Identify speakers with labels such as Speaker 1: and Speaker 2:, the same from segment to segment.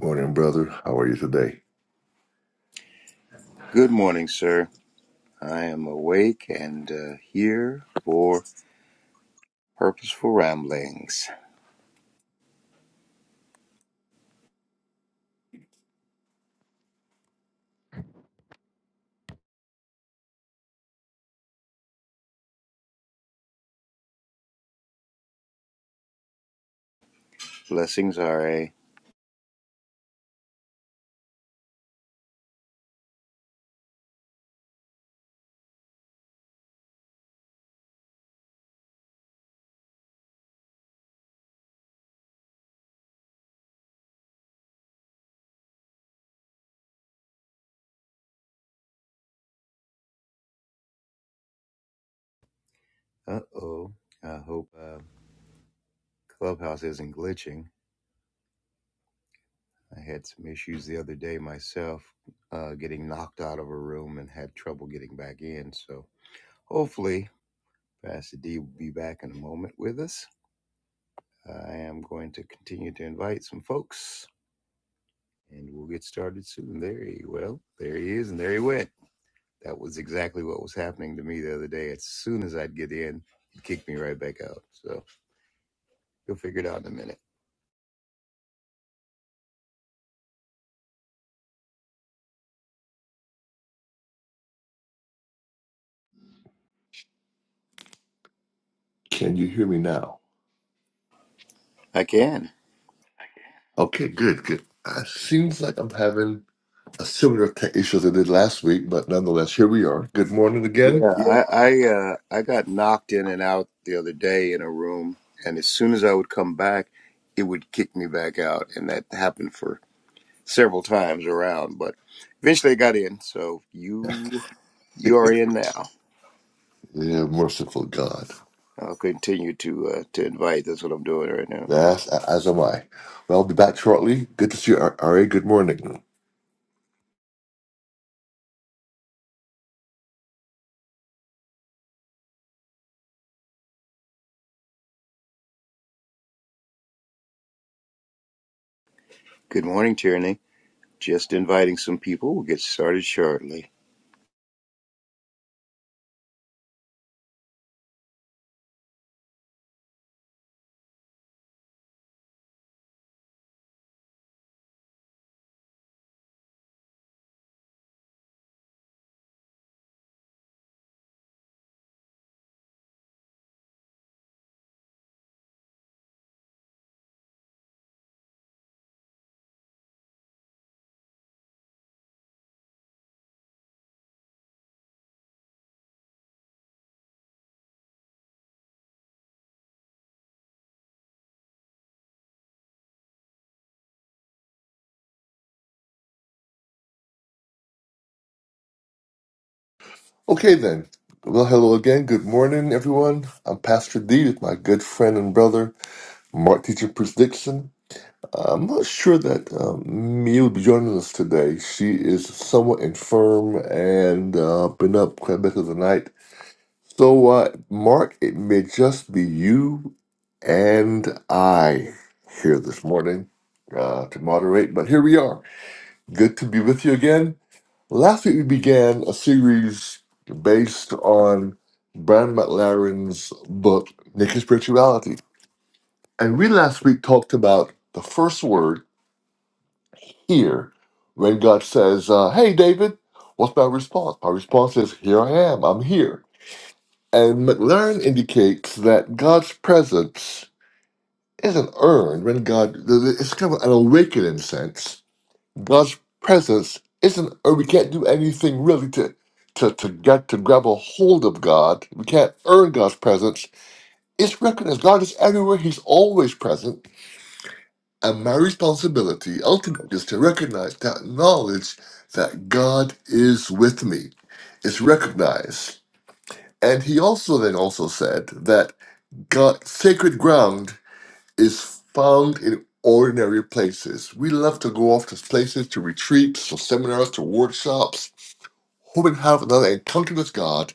Speaker 1: Morning, brother. How are you today?
Speaker 2: Good morning, sir. I am awake and uh, here for purposeful ramblings. Blessings, RA. Uh oh. I hope uh, Clubhouse isn't glitching. I had some issues the other day myself, uh, getting knocked out of a room and had trouble getting back in. So hopefully, Pastor D will be back in a moment with us. I am going to continue to invite some folks and we'll get started soon. There he well, there he is, and there he went. That was exactly what was happening to me the other day. As soon as I'd get in, it kicked me right back out. So you'll figure it out in a minute.
Speaker 1: Can you hear me now?
Speaker 2: I can.
Speaker 1: Okay, good, good. Uh, seems like I'm having a similar tech issue as I did last week, but nonetheless, here we are. Good morning again.
Speaker 2: Yeah,
Speaker 1: Yeah.
Speaker 2: I I uh, I got knocked in and out the other day in a room, and as soon as I would come back, it would kick me back out, and that happened for several times around. But eventually, I got in. So you you are
Speaker 1: yeah,
Speaker 2: in now.
Speaker 1: merciful God.
Speaker 2: I'll continue to uh, to invite. That's what I'm doing right now.
Speaker 1: Yes, a- as am I. Well, I'll be back shortly. Good to see you, Ar- Ari. Good morning.
Speaker 2: Good morning, Tyranny. Just inviting some people. We'll get started shortly.
Speaker 1: Okay, then. Well, hello again. Good morning, everyone. I'm Pastor D with my good friend and brother, Mark Teacher Bruce Dixon. I'm not sure that um, Mia will be joining us today. She is somewhat infirm and uh, been up quite a bit of the night. So, uh, Mark, it may just be you and I here this morning uh, to moderate, but here we are. Good to be with you again. Last week we began a series based on Brian McLaren's book, Naked Spirituality. And we last week talked about the first word here. When God says, uh, Hey, David, what's my response? My response is, Here I am, I'm here. And McLaren indicates that God's presence isn't earned when God, it's kind of an awakening sense. God's presence isn't, or we can't do anything really to. To, to get to grab a hold of God, we can't earn God's presence. It's recognized. God is everywhere. He's always present And my responsibility ultimately is to recognize that knowledge that God is with me is recognized. And he also then also said that God sacred ground is found in ordinary places. We love to go off to places to retreats, to seminars, to workshops, who would have another encounter with God.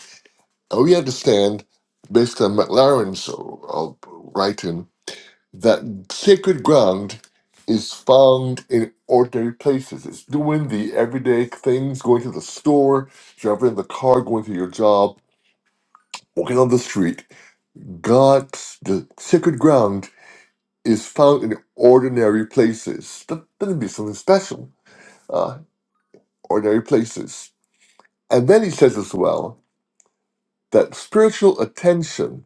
Speaker 1: And we understand based on McLaren's uh, uh, writing that sacred ground is found in ordinary places. It's doing the everyday things, going to the store, driving in the car, going to your job, walking on the street. God's the sacred ground is found in ordinary places. That doesn't be something special. Uh, ordinary places. And then he says as well that spiritual attention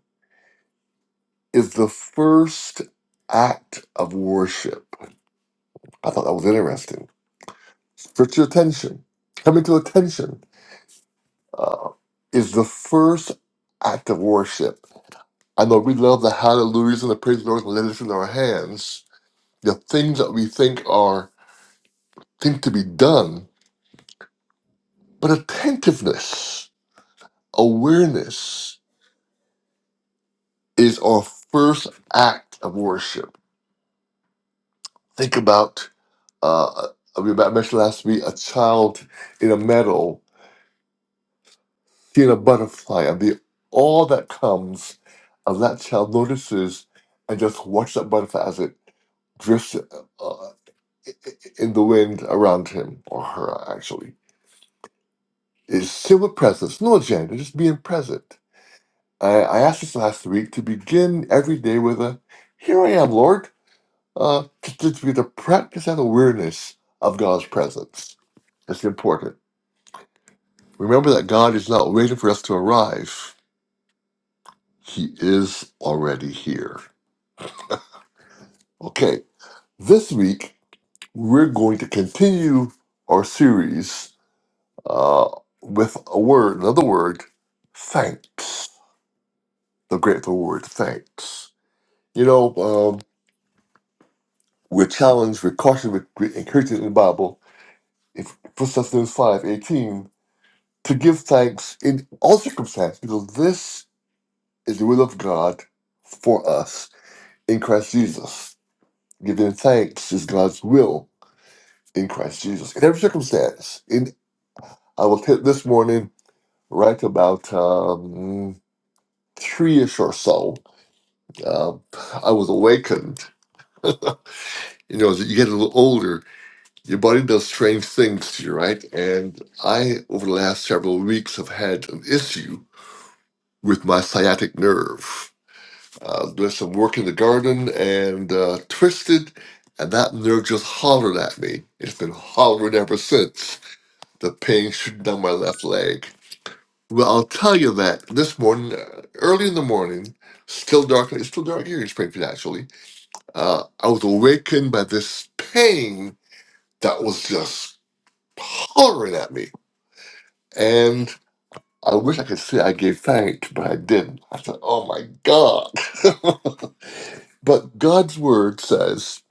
Speaker 1: is the first act of worship. I thought that was interesting Spiritual attention, coming to attention, uh, is the first act of worship. I know we love the hallelujahs and the praise of the Lord and let us in our hands, the things that we think are think to be done, but attentiveness, awareness is our first act of worship. Think about uh, we mentioned last week a child in a meadow seeing a butterfly and the all that comes as that child notices and just watch that butterfly as it drifts uh, in the wind around him or her actually is simple presence no agenda just being present I, I asked this last week to begin every day with a here i am lord uh, to, to be the practice and awareness of god's presence it's important remember that god is not waiting for us to arrive he is already here Okay, this week we're going to continue our series uh, with a word, another word, thanks. The grateful word, thanks. You know, um, we're challenged, we're cautioned, we're we're encouraged in the Bible, if First Thessalonians five eighteen, to give thanks in all circumstances, because this is the will of God for us in Christ Jesus. Giving thanks is God's will in Christ Jesus, in every circumstance, In I will hit this morning right about um, three ish or so. Um I was awakened. you know, as you get a little older, your body does strange things to you, right? And I, over the last several weeks, have had an issue with my sciatic nerve. Uh, doing some work in the garden and uh, twisted, and that nerve just hollered at me. It's been hollering ever since. The pain shooting down my left leg. Well, I'll tell you that this morning, uh, early in the morning, still dark, it's still dark here in Springfield, actually. Uh, I was awakened by this pain that was just hollering at me. And I wish I could say I gave thanks, but I didn't. I said, oh my God. but God's word says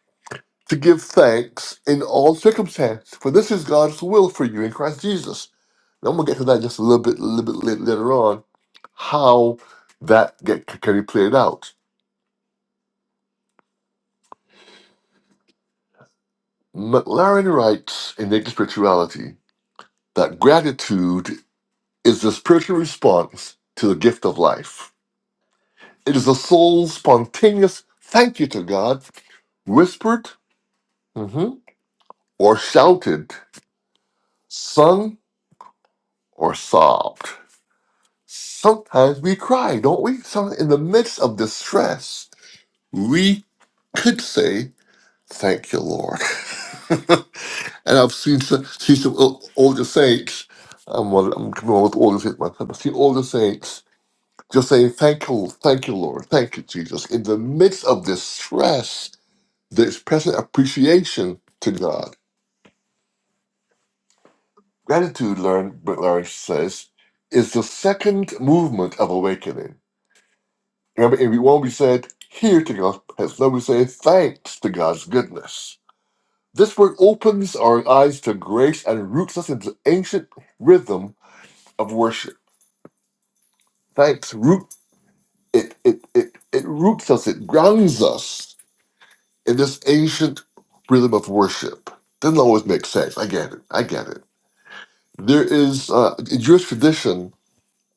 Speaker 1: to give thanks in all circumstances, for this is God's will for you in Christ Jesus. I'm gonna get to that just a little bit, little bit later, later on, how that get can be played out. McLaren writes in Naked Spirituality that gratitude is the spiritual response to the gift of life. It is the soul's spontaneous thank you to God, whispered mhm, or shouted, sung or sobbed. Sometimes we cry, don't we? Sometimes in the midst of distress, we could say Thank you, Lord. and I've seen some, seen some o- older saints. Um, well, I'm coming on with older saints myself. I've seen older saints just saying, "Thank you, thank you, Lord, thank you, Jesus." In the midst of this stress, they express an appreciation to God. Gratitude, learn, Brent Larry says, is the second movement of awakening. Remember, in week one we said, "Here to God," as now we say, "Thanks to God's goodness." This word opens our eyes to grace and roots us into ancient rhythm of worship. Thanks. Root it it it it roots us, it grounds us in this ancient rhythm of worship. Doesn't always make sense. I get it. I get it. There is uh, in Jewish tradition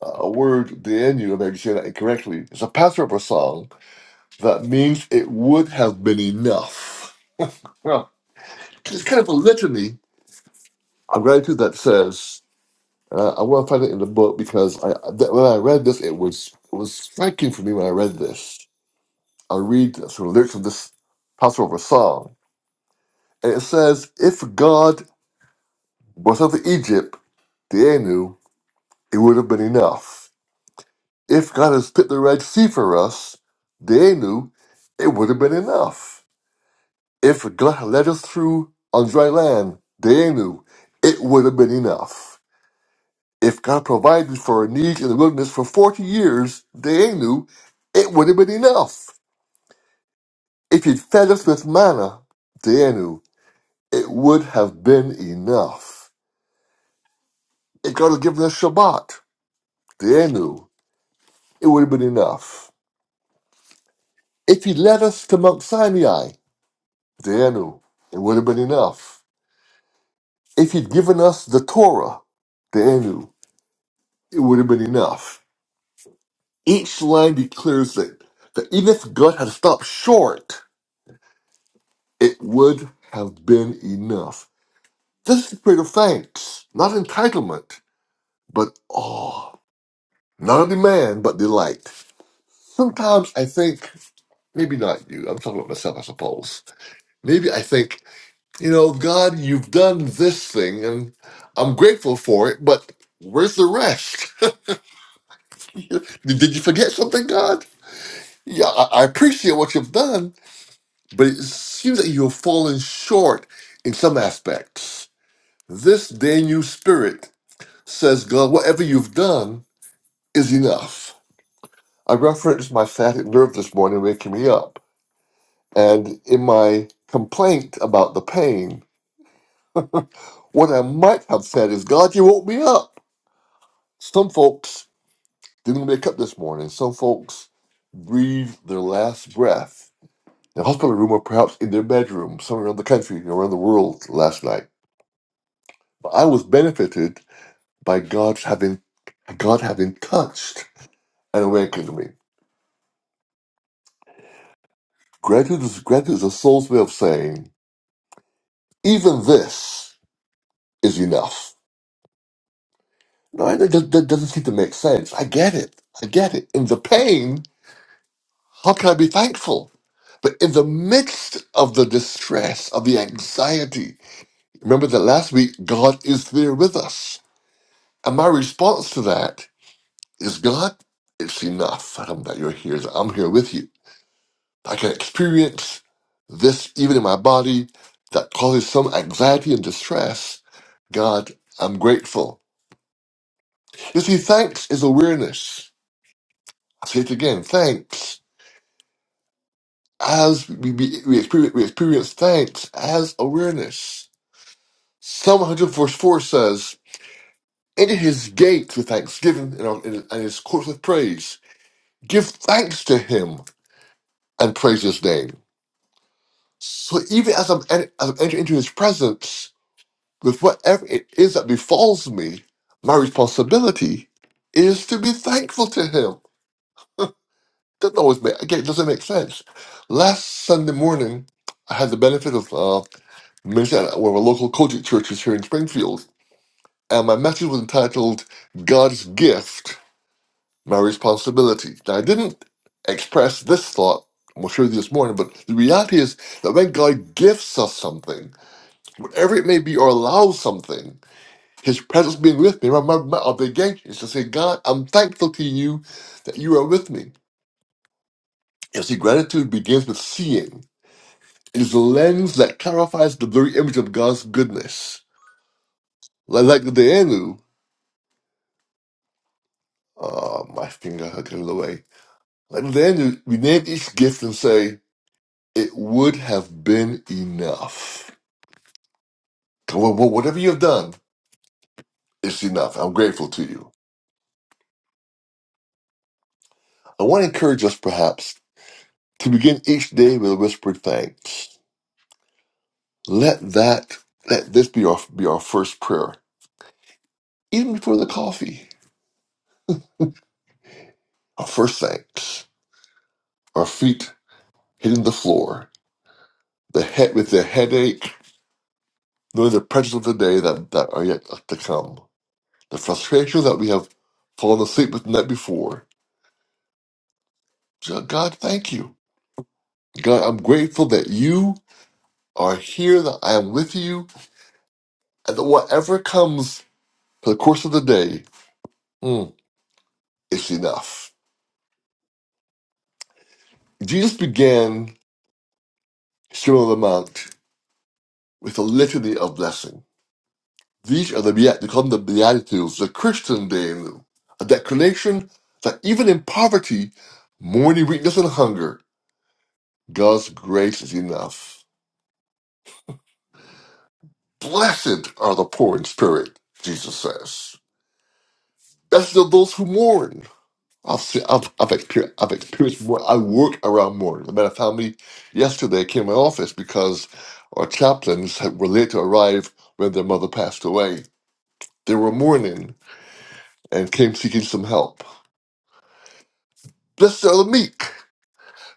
Speaker 1: uh, a word the enu, if I can say that incorrectly, it's a Passover song that means it would have been enough. Well, it's kind of a litany of gratitude that says Uh, I want to find it in the book because I th- when I read this, it was it was striking for me when I read this. I read some lyrics of this Passover song, and it says, "If God was of Egypt, the Anu, it would have been enough. If God has split the Red Sea for us, the Anu, it would have been enough. If God had led us through on dry land, the Anu, it would have been enough. If God provided for our needs in the wilderness for 40 years, they knew it would have been enough. If He'd fed us with manna, they knew it would have been enough. If God had given us Shabbat, they knew it would have been enough. If He led us to Mount Sinai, they knew it would have been enough. If He'd given us the Torah, they knew it would have been enough. Each line declares that, that even if God had stopped short, it would have been enough. This is the spirit of thanks, not entitlement, but awe. Not a demand, but delight. Sometimes I think, maybe not you, I'm talking about myself, I suppose. Maybe I think, you know, God, you've done this thing and I'm grateful for it, but where's the rest? Did did you forget something, God? Yeah, I I appreciate what you've done, but it seems that you've fallen short in some aspects. This Daniel spirit says God, whatever you've done is enough. I referenced my sciatic nerve this morning waking me up. And in my complaint about the pain, what I might have said is, God, you woke me up. Some folks didn't wake up this morning. Some folks breathed their last breath in a hospital room or perhaps in their bedroom somewhere around the country, around the world last night. But I was benefited by God's having God having touched and awakened me. Gratitude is, gratitude is a soul's way of saying, even this is enough. No, I know that, that doesn't seem to make sense. I get it. I get it. In the pain, how can I be thankful? But in the midst of the distress, of the anxiety, remember that last week, God is there with us. And my response to that is, God, it's enough. I'm that you're here. I'm here with you. I can experience this even in my body that causes some anxiety and distress. God, I'm grateful. You see, thanks is awareness. I say it again, thanks. As we, be, we, experience, we experience thanks as awareness. Psalm 104 says, Enter his gates with thanksgiving and, our- and his courts with praise. Give thanks to him and praise his name. So even as I'm, en- as I'm entering into his presence, With whatever it is that befalls me, my responsibility is to be thankful to Him. Doesn't always make again. It doesn't make sense. Last Sunday morning, I had the benefit of uh, ministering at one of our local Kojic churches here in Springfield, and my message was entitled "God's Gift, My Responsibility." Now, I didn't express this thought. I'm sure this morning, but the reality is that when God gifts us something, whatever it may be, or allows something, His presence being with me. My, my, my obligation is to say, God, I'm thankful to you that you are with me. You see, gratitude begins with seeing. It is a lens that clarifies the blurry image of God's goodness. Like, like the Danu, uh, my finger hooking it away. Like the Danu, we name each gift and say, it would have been enough. Come on, well, whatever you've done, it's enough. I'm grateful to you. I want to encourage us, perhaps, to begin each day with a whispered thanks. Let that let this be our be our first prayer, even before the coffee. Our first thanks. Our feet hitting the floor. The head with the headache, knowing the pressures of the day that, that are yet to come. The frustrations that we have fallen asleep with the night before. Ju- God, thank you. God, I'm grateful that you are here, that I am with you, and that whatever comes for the course of the day, mm, it's enough. Jesus began his Sermon on the Mount with a litany of blessing. These are the beat- become the Beatitudes, the Christian Daily, a declaration that even in poverty, mourning, weakness, and hunger, God's grace is enough. Blessed are the poor in spirit, Jesus says. Blessed are those who mourn. I've, seen, I've, I've, experienced, I've experienced more. I work around mourning. I met a family yesterday, came to my office because our chaplains had, were late to arrive when their mother passed away. They were mourning and came seeking some help. Blessed are the meek.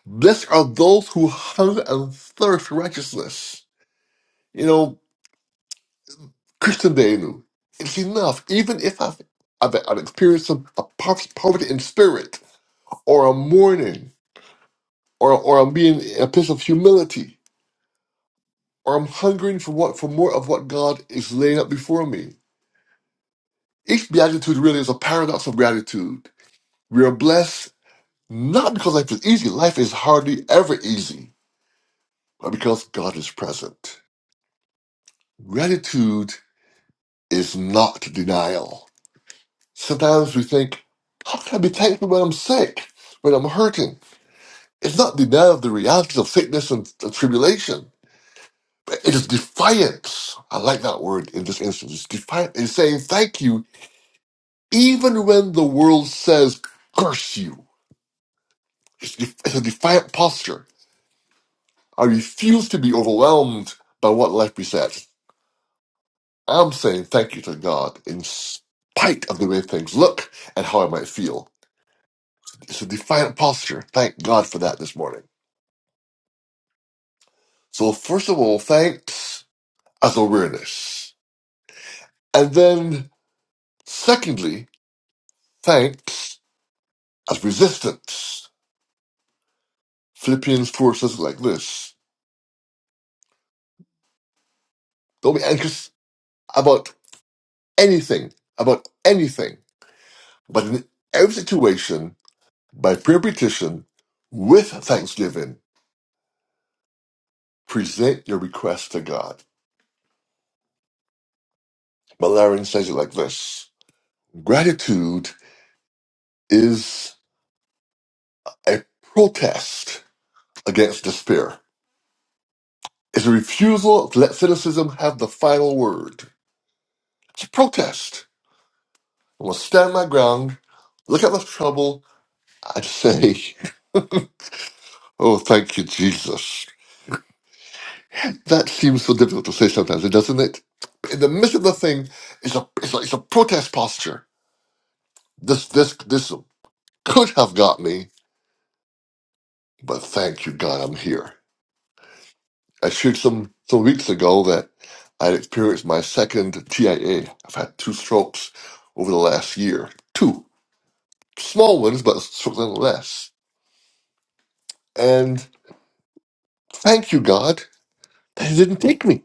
Speaker 1: Blessed are those who hunger and thirst for righteousness. You know, Christian Danu, it's enough. Even if I've, I've, I've experienced some a po- poverty in spirit, or I'm mourning, or, or I'm being in a place of humility, or I'm hungering for what for more of what God is laying up before me. Each beatitude really is a paradox of gratitude. We are blessed not because life is easy. Life is hardly ever easy, but because God is present. Gratitude is not denial. Sometimes we think, how can I be thankful when I'm sick, when I'm hurting? It's not denial of the realities of sickness and, and tribulation. but It is defiance. I like that word in this instance. It's defiance. It's saying thank you even when the world says curse you. It's, def- it's a defiant posture. I refuse to be overwhelmed by what life presents. I'm saying thank you to God in spite of the way things look and how I might feel. It's a defiant posture. Thank God for that this morning. So, first of all, thanks as awareness. And then, secondly, thanks as resistance. Philippians 4 says it like this Don't be anxious about anything, about anything, but in every situation, by prayer and petition, with thanksgiving, present your request to God. Malarian says it like this Gratitude is a protest against despair is a refusal to let cynicism have the final word. It's a protest. I'm going to stand my ground, look at the trouble, and say, Oh, thank you, Jesus. That seems so difficult to say sometimes, doesn't it? In the midst of the thing, it's a, it's a, it's a protest posture. This, this, this could have got me, but thank you, God, I'm here. I shared some, some weeks ago that I'd experienced my second TIA. I've had two strokes over the last year. Two. small ones, but sort of less. And thank you, God, that He didn't take me.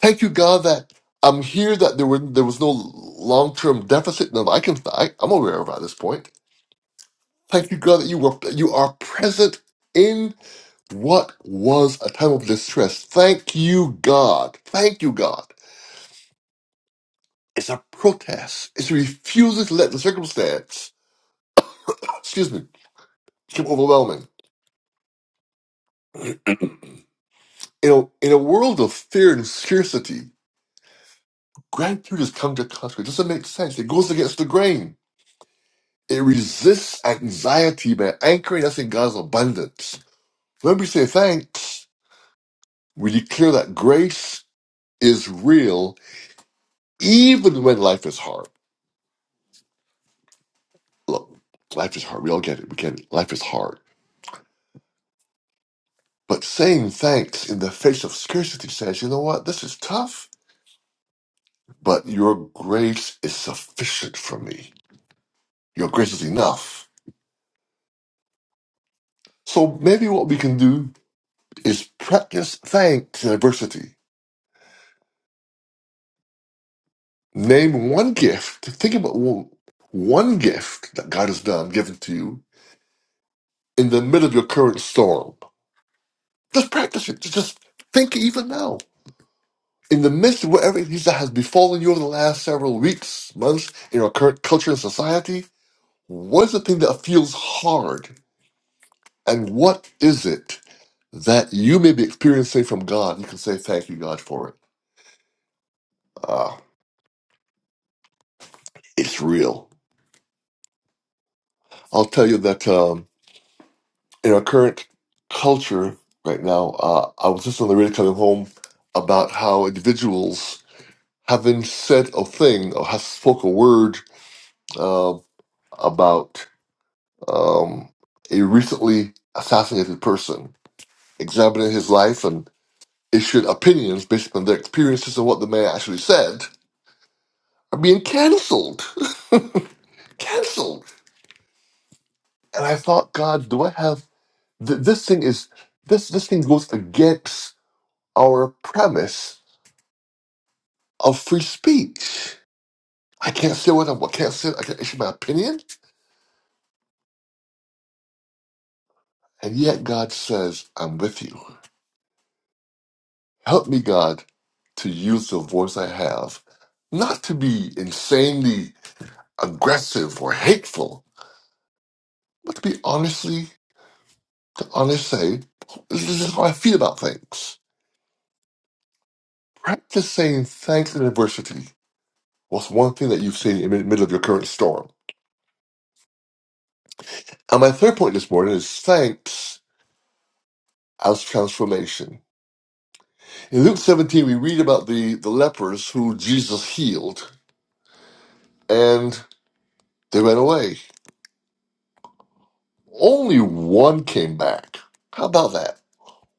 Speaker 1: Thank you, God, that I'm here. That there were there was no long term deficit. Now I can I, I'm aware of at this point. Thank you, God, that you were you are present in what was a time of distress. Thank you, God. Thank you, God. It's a protest. It's refusing to let the circumstance, excuse me, become overwhelming. You know, in a world of fear and scarcity, Gratitude is comes to contrary. It doesn't make sense. It goes against the grain. It resists anxiety by anchoring us in God's abundance. When we say thanks, we declare that grace is real even when life is hard. Look, life is hard. We all get it. We get it. Life is hard. But saying thanks in the face of scarcity says, you know what? This is tough, but your grace is sufficient for me. Your grace is enough. So maybe what we can do is practice thanks in adversity Name one gift. Think about one one gift that God has done, given to you in the middle of your current storm. Just practice it. Just think even now. In the midst of whatever it is that has befallen you over the last several weeks, months, in our current culture and society, what is the thing that feels hard? And what is it that you may be experiencing from God? You can say, Thank you, God, for it. Ah, it's real. I'll tell you that. Um, in our current culture right now, uh, I was just on the radio coming home about how individuals, having said a thing or have spoke a word uh, about um, a recently assassinated person, examining his life and issued opinions based on their experiences and what the man actually said, are being canceled. canceled. And I thought, God, do I have th- this thing is this this thing goes against our premise of free speech. I can't say what I want, can't say, I can't issue my opinion. And yet God says, I'm with you. Help me, God, to use the voice I have, not to be insanely aggressive or hateful, but to be honestly, to honestly say, this is how I feel about things. Practice saying thanks in adversity. What's one thing that you've seen in the middle of your current storm? And my third point this morning is thanks as transformation. In Luke 17, we read about the, the lepers who Jesus healed, and they ran away. Only one came back. How about that?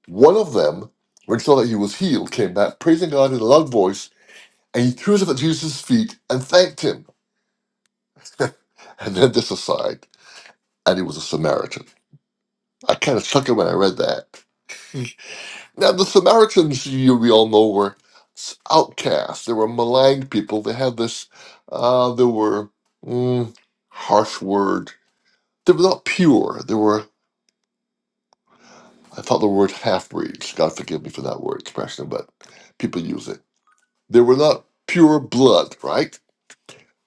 Speaker 1: One of them, when he saw that he was healed, came back, praising God in a loud voice, and he threw himself at Jesus' feet and thanked him. And then this aside, and he was a Samaritan. I kind of chuckled when I read that. Now, the Samaritans, you, we all know, were s- outcasts. They were maligned people. They had this, uh, they were mm, harsh word they were not pure. They were, I thought the word half breeds. God forgive me for that word expression, but people use it. They were not pure blood, right?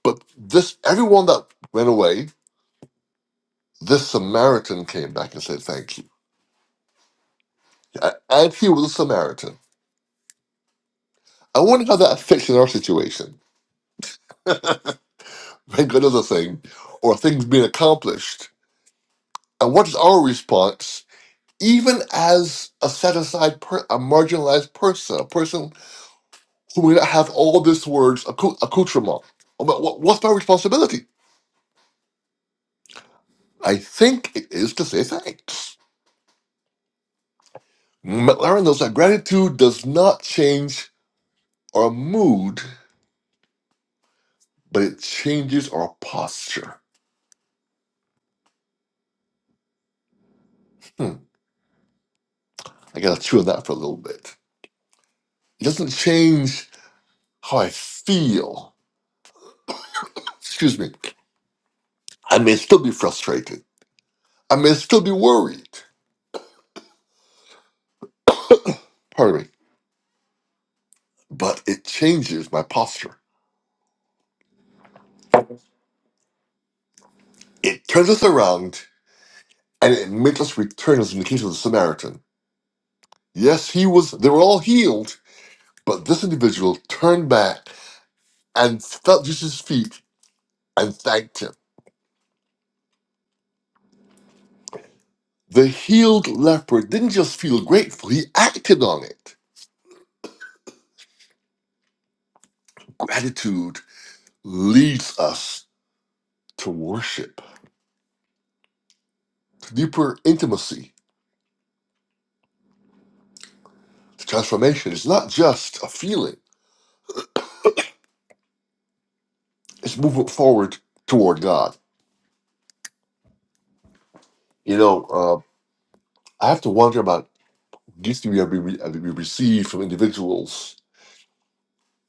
Speaker 1: But this, everyone that went away, this Samaritan came back and said, Thank you. A- And he was a Samaritan. I wonder how that affects in our situation. When God does a thing or things being accomplished, and what is our response, even as a set aside, per, a marginalized person, a person who may not have all this words accou- accoutrement. But what- what's my responsibility? I think it is to say thanks. McLaren knows that gratitude does not change our mood, but it changes our posture. Hmm, I gotta chew on that for a little bit. It doesn't change how I feel. Excuse me. I may still be frustrated. I may still be worried. Pardon me. But it changes my posture. It turns us around and it makes us return as in the case of the Samaritan. Yes, he was, they were all healed, but this individual turned back and felt Jesus' feet and thanked him. The healed leper didn't just feel grateful, he acted on it. Gratitude leads us to worship, to deeper intimacy, to transformation. It's not just a feeling, it's movement forward toward God. You know, uh, I have to wonder about gifts that we, have, we we receive from individuals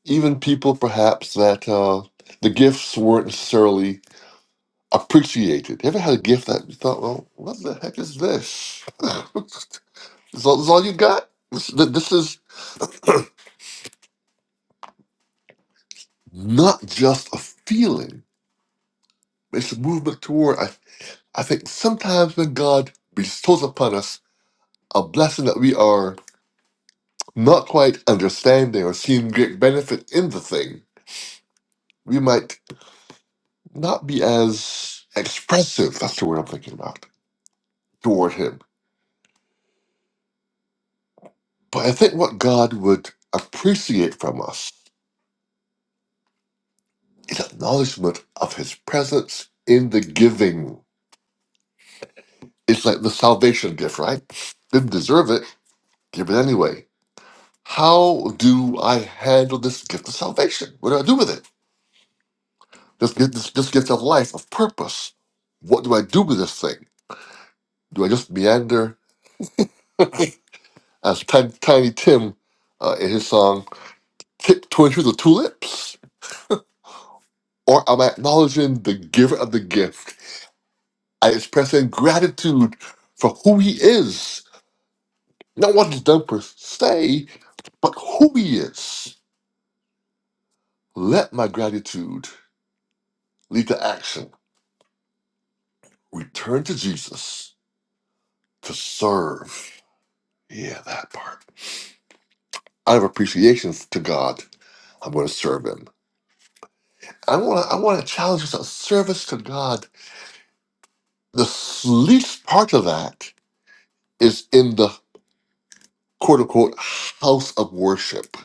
Speaker 1: even people perhaps that uh, the gifts weren't necessarily appreciated. You ever had a gift that you thought, well, what the heck is this? this, is all, this is all you got? This, th- this is not just a feeling, it's a movement toward. I, I think sometimes when God bestows upon us a blessing that we are not quite understanding or seeing great benefit in the thing, we might not be as expressive, that's the word I'm thinking about, toward Him But I think what God would appreciate from us is acknowledgement of his presence in the giving. It's like the salvation gift, right? Didn't deserve it, give it anyway. How do I handle this gift of salvation? What do I do with it? This gift, this, this gift of life, of purpose. What do I do with this thing? Do I just meander as Tiny, Tiny Tim uh, in his song, tiptoeing through the tulips? Or am I acknowledging the giver of the gift I express in gratitude for who he is, not what he's done per se, but who he is. Let my gratitude lead to action. Return to Jesus to serve. Yeah, that part. I have appreciation to God. I'm going to serve Him. I want to. I want to challenge us. a Service to God. The least part of that is in the quote unquote house of worship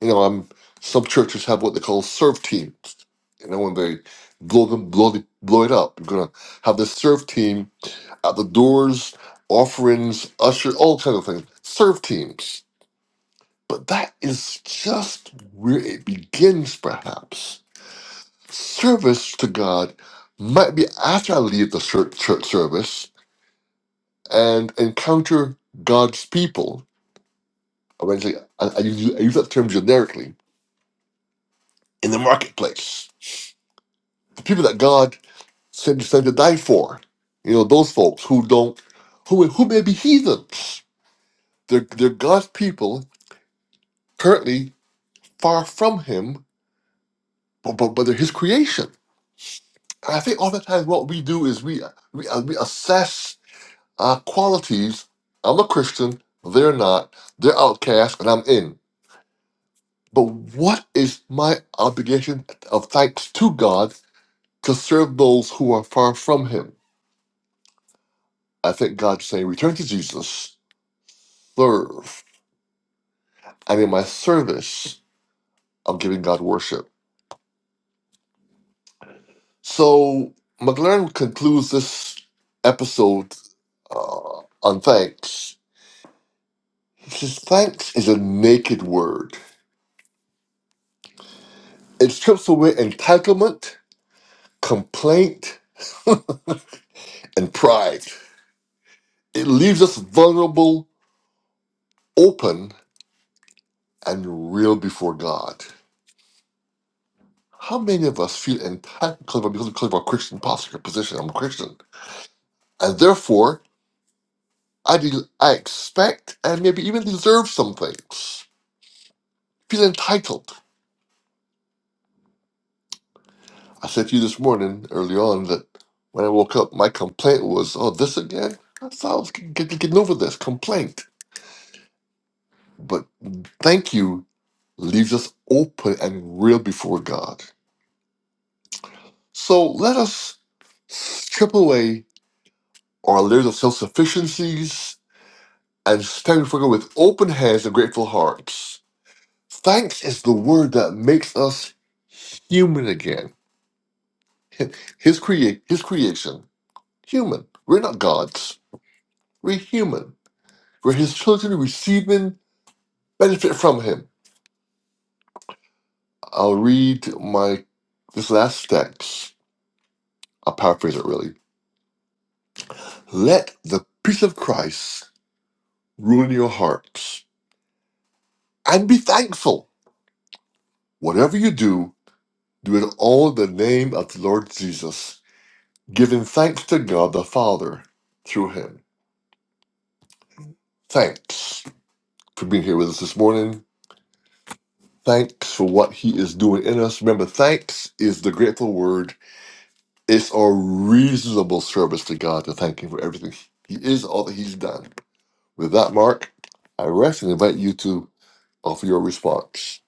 Speaker 1: you know, um, some churches have what they call serve teams. You know, when they blow them, blow, the, blow it up, you're gonna have the serve team at the doors, offerings, usher, all kind of things. Serve teams, but that is just where it begins, perhaps. Service to God might be after I leave the church, church service and encounter God's people. I, mean, I, I use I use that term generically in the marketplace. The people that God sent, sent to die for. You know, those folks who don't, who who may be heathens. They're, they're God's people, currently far from Him, but, but, but they're His creation. And I think oftentimes what we do is we, we, uh, we assess our qualities. I'm a Christian, they're not, they're outcast, and I'm in. But what is my obligation of thanks to God to serve those who are far from Him? I think God's saying, return to Jesus, serve. and in my service, I'm giving God worship. So McLaren concludes this episode uh, on thanks. He says, Thanks is a naked word, it strips away entitlement, complaint, and pride. It leaves us vulnerable, open, and real before God. How many of us feel entitled because of, because of our Christian posture, position? I'm a Christian. And therefore, I, de- I expect and maybe even deserve some things. Feel entitled. I said to you this morning, early on, that when I woke up, my complaint was, oh, this again? I thought I was g- g- getting over this complaint. But thank you leaves us open and real before God. So let us strip away our layers of self sufficiencies and stand before God with open hands and grateful hearts. Thanks is the word that makes us human again His create his creation, human. We're not gods. We're human. We're his children receiving benefit from him. I'll read my this last text. I'll paraphrase it really. Let the peace of Christ rule in your hearts and be thankful. Whatever you do, do it all in the name of the Lord Jesus, giving thanks to God the Father through him. Thanks for being here with us this morning. thanks for what he is doing in us. Remember, thanks is the grateful word. It's our reasonable service to God to thank him for everything. He is all that he's done. With that, Mark, I rest and invite you to offer your response.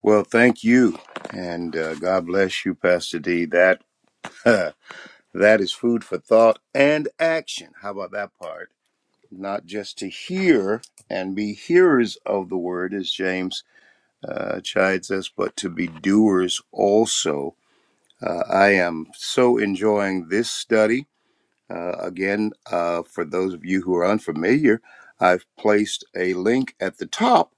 Speaker 2: Well, thank you, and uh, God bless you, Pastor D. That uh, that is food for thought and action. How about that part? Not just to hear and be hearers of the word, as James uh, chides us, but to be doers also. Uh, I am so enjoying this study. Uh, again, uh, for those of you who are unfamiliar, I've placed a link at the top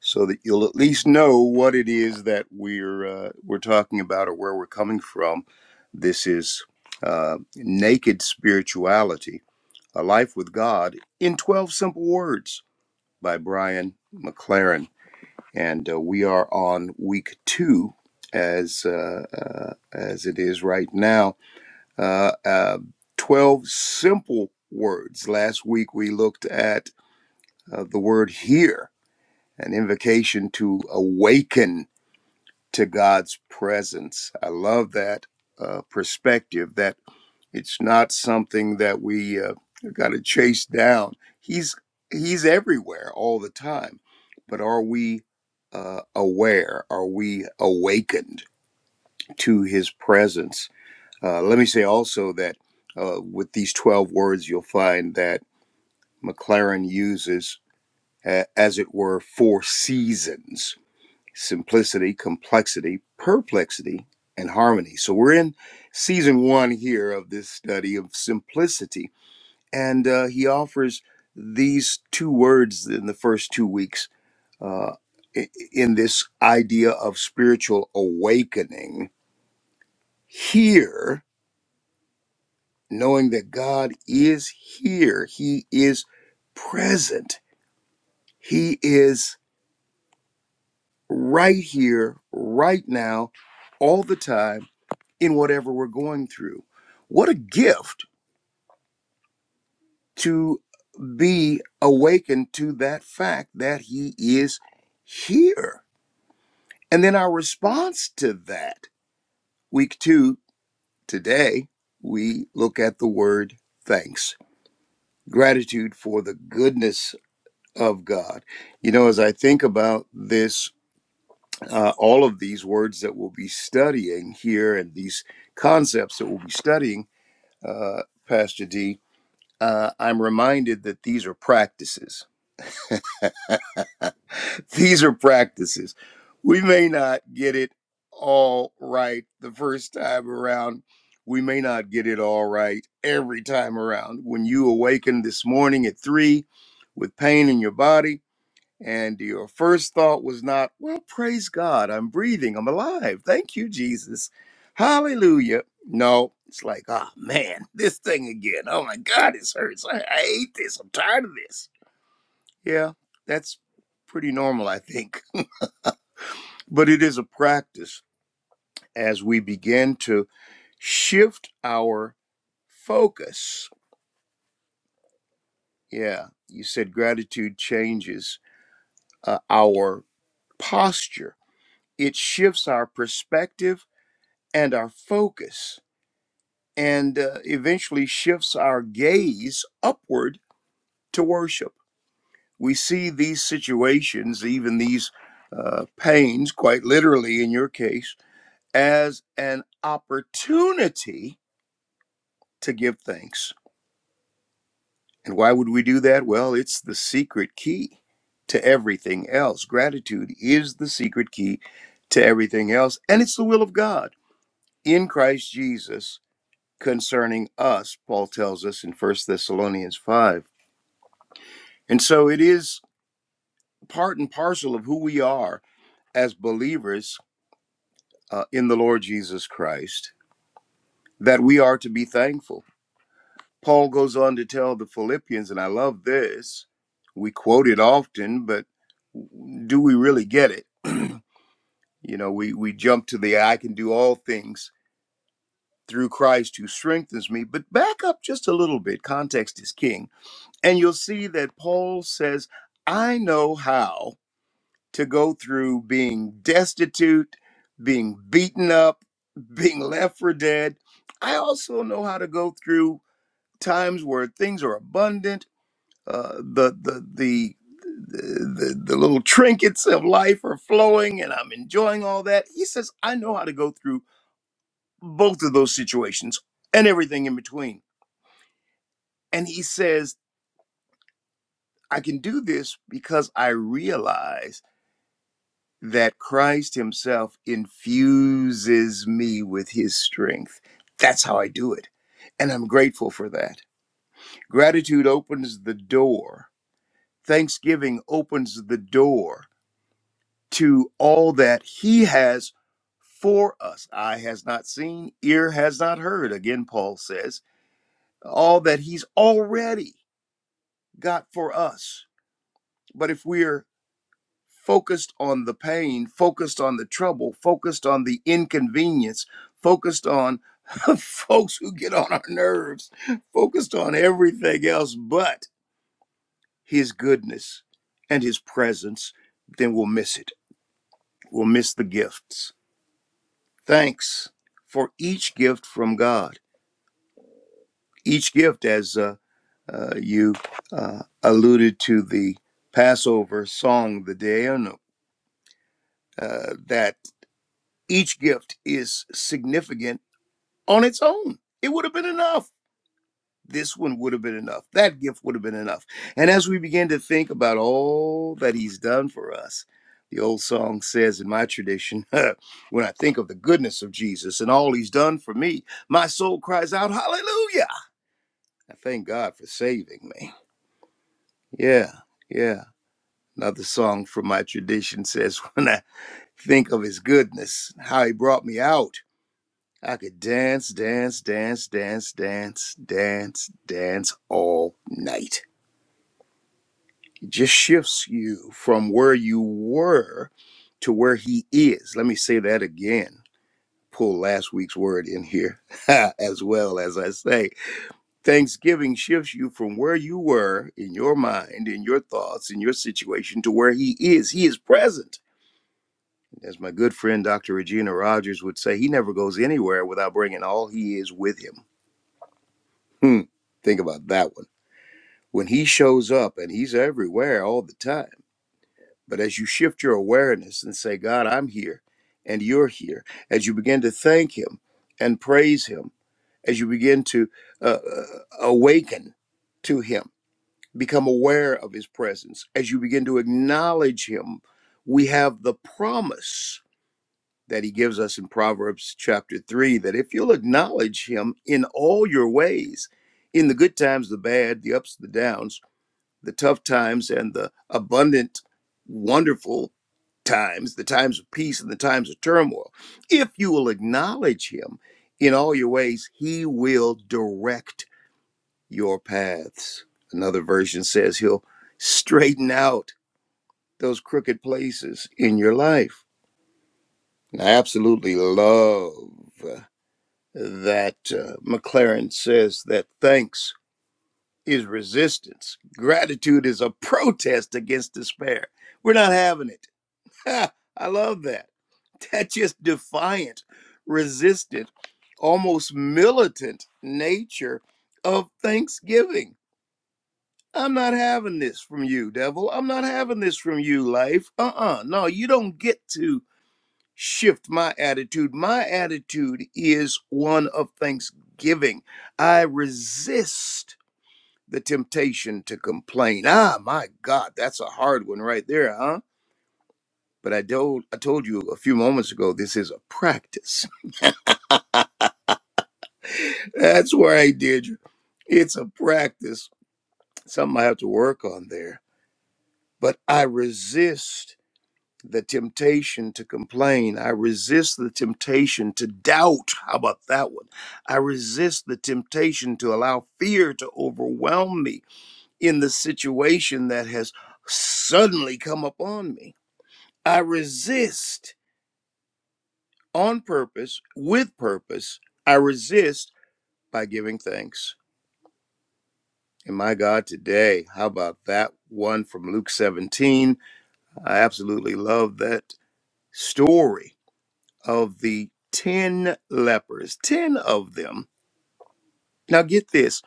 Speaker 2: so that you'll at least know what it is that we're uh, we're talking about or where we're coming from. This is uh, Naked Spirituality: A Life with God in Twelve Simple Words by Brian McLaren, and uh, we are on week two as uh, uh, as it is right now uh, uh, 12 simple words. Last week we looked at uh, the word "hear," an invocation to awaken to God's presence. I love that uh, perspective that it's not something that we uh, got to chase down. He's he's everywhere all the time, but are we uh, aware? Are we awakened to His presence? Uh, let me say also that uh, with these 12 words, you'll find that McLaren uses, uh, as it were, four seasons simplicity, complexity, perplexity, and harmony. So we're in season one here of this study of simplicity. And uh, he offers these two words in the first two weeks uh, i- in this idea of spiritual awakening. Here, knowing that God is here, He is present, He is right here, right now, all the time, in whatever we're going through. What a gift to be awakened to that fact that He is here. And then our response to that, week two today, we look at the word thanks, gratitude for the goodness of God. You know, as I think about this, uh, all of these words that we'll be studying here and these concepts that we'll be studying, uh, Pastor D, uh, I'm reminded that these are practices. these are practices. We may not get it all right the first time around. We may not get it all right every time around. When you awaken this morning at three with pain in your body, and your first thought was not, well, praise God, I'm breathing, I'm alive. Thank you, Jesus. Hallelujah. No, it's like, oh man, this thing again. Oh my God, this hurts. I, I hate this. I'm tired of this. Yeah, that's pretty normal, I think. But it is a practice as we begin to shift our focus. Yeah, you said gratitude changes uh, our posture, it shifts our perspective and our focus and uh, eventually shifts our gaze upward to worship. We see these situations, even these uh, pains, quite literally in your case, as an opportunity to give thanks. And why would we do that? Well, it's the secret key to everything else. Gratitude is the secret key to everything else, and it's the will of God in Christ Jesus concerning us, Paul tells us in First Thessalonians 5. And so it is part and parcel of who we are as believers uh, in the Lord Jesus Christ that we are to be thankful. Paul goes on to tell the Philippians, and I love this. We quote it often, but do we really get it? you know, we, we jump to the I can do all things through Christ who strengthens me, but back up just a little bit. Context is king And you'll see that Paul says, I know how to go through being destitute, being beaten up, being left for dead. I also know how to go through times where things are abundant, uh, the, the, the, the, the, the little trinkets of life are flowing and I'm enjoying all that. He says, I know how to go through both of those situations and everything in between. And he says, I can do this because I realize. that Christ Himself infuses me with His strength. That's how I do it. And I'm grateful for that. Gratitude opens the door, thanksgiving opens the door to all that He has for us. Eye has not seen, ear has not heard. Again, Paul says, all that He's already got for us. But if we're focused on the pain, focused on the trouble, focused on the inconvenience, focused on folks who get on our nerves, focused on everything else but his goodness and his presence, then we'll miss it. We'll miss the gifts. Thanks for each gift from God. Each gift, as uh, uh, you uh, alluded to the Passover song, the Deano, uh, that each gift is significant on its own. It would have been enough. This one would have been enough. That gift would have been enough. And as we begin to think about all that he's done for us, the old song says in my tradition, when I think of the goodness of Jesus and all he's done for me, my soul cries out, Hallelujah! I thank God for saving me. Yeah, yeah. Another song from my tradition says, when I think of his goodness, how he brought me out. I could dance, dance, dance, dance, dance, dance, dance all night. It just shifts you from where you were to where he is. Let me say that again. Pull last week's word in here as well as I say. Thanksgiving shifts you from where you were in your mind, in your thoughts, in your situation to where he is. He is present. As my good friend Dr. Regina Rogers would say, he never goes anywhere without bringing all he is with him. Hmm. Think about that one. When he shows up and he's everywhere all the time. But as you shift your awareness and say, God, I'm here and you're here, as you begin to thank him and praise him, as you begin to uh, uh, awaken to him, become aware of his presence, as you begin to acknowledge him, we have the promise that he gives us in Proverbs chapter 3 that if you'll acknowledge him in all your ways, in the good times, the bad, the ups, the downs, the tough times, and the abundant, wonderful times, the times of peace and the times of turmoil, if you will acknowledge him in all your ways, he will direct your paths. Another version says he'll straighten out those crooked places in your life. And I absolutely love. that uh, McLaren says that thanks is resistance. Gratitude is a protest against despair. We're not having it. Ha, I love that. That just defiant, resistant, almost militant nature of thanksgiving. I'm not having this from you, devil. I'm not having this from you, life. Uh uh No, you don't get to shift my attitude. My attitude is one of thanksgiving. I resist the temptation to complain. Ah, my God, that's a hard one right there, huh? But I told I told you a few moments ago this is a practice. That's right, Deirdre. It's a practice. Something I have to work on there. But I resist the temptation to complain. I resist the temptation to doubt. How about that one? I resist the temptation to allow fear to overwhelm me in the situation that has suddenly come upon me. I resist on purpose, with purpose. I resist by giving thanks. And my God, today, how about that one from Luke 17? I absolutely love that story of the 10 lepers, 10 of them. Now, get this,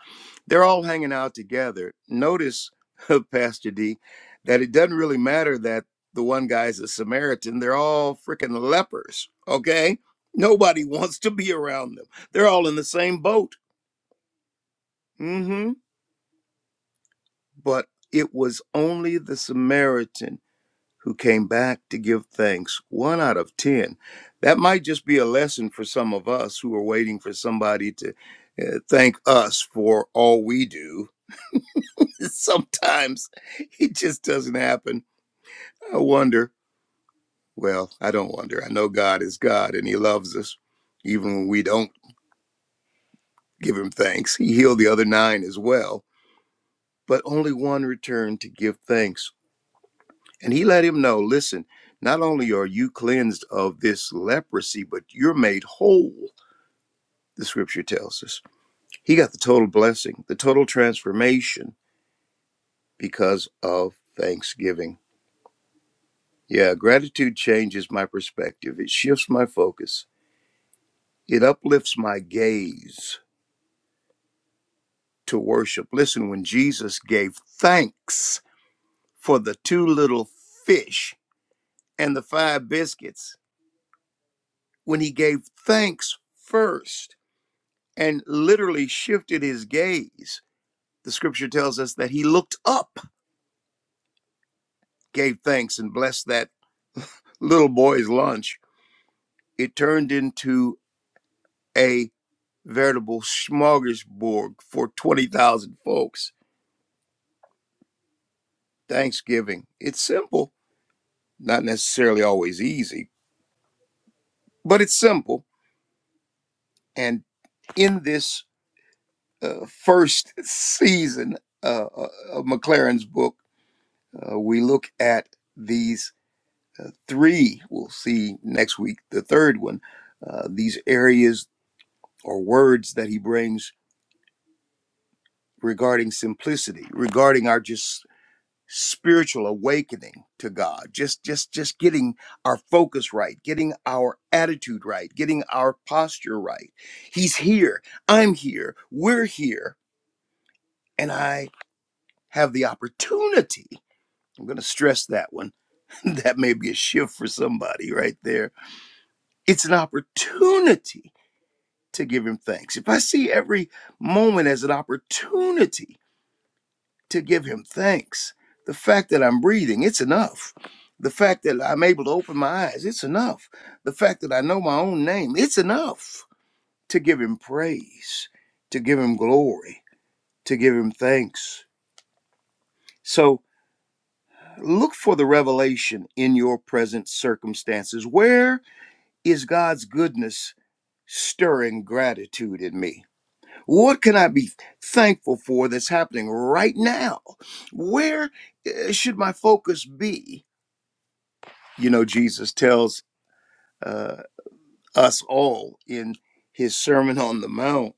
Speaker 2: they're all hanging out together. Notice, Pastor D, that it doesn't really matter that the one guy's a Samaritan. They're all freaking lepers, okay? Nobody wants to be around them. They're all in the same boat. hmm But it was only the Samaritan who came back to give thanks, one out of 10. That might just be a lesson for some of us who are waiting for somebody to uh, thank us for all we do. Sometimes it just doesn't happen. I wonder. Well, I don't wonder. I know God is God and He loves us. Even when we don't give Him thanks, He healed the other nine as well. But only one returned to give thanks. And he let him know listen, not only are you cleansed of this leprosy, but you're made whole, the scripture tells us. He got the total blessing, the total transformation because of thanksgiving. Yeah, gratitude changes my perspective, it shifts my focus, it uplifts my gaze to worship. Listen, when Jesus gave thanks for the two little fish and the five biscuits, when he gave thanks first, and literally shifted his gaze. The scripture tells us that he looked up, gave thanks, and blessed that little boy's lunch. It turned into a veritable smorgasbord for 20,000 folks. Thanksgiving. It's simple, not necessarily always easy, but it's simple. And in this uh, first season uh, uh, of McLaren's book, uh, we look at these. Uh, three, we'll see next week, the third one, uh, these areas or words that he brings regarding simplicity, regarding our just spiritual awakening to God, just just just getting our focus right, getting our attitude right, getting our posture right. He's here, I'm here, we're here, and I have the opportunity. I'm going to stress that one. that may be a shift for somebody right there. It's an opportunity to give him thanks, if I see every moment as an opportunity to give him thanks, the fact that I'm breathing, it's enough. The fact that I'm able to open my eyes, it's enough. The fact that I know my own name, it's enough to give him praise, to give him glory, to give him thanks. So look for the revelation in your present circumstances. Where is God's goodness stirring gratitude in me? What can I be thankful for that's happening right now? Where uh, should my focus be? You know, Jesus tells uh, us all in his Sermon on the Mount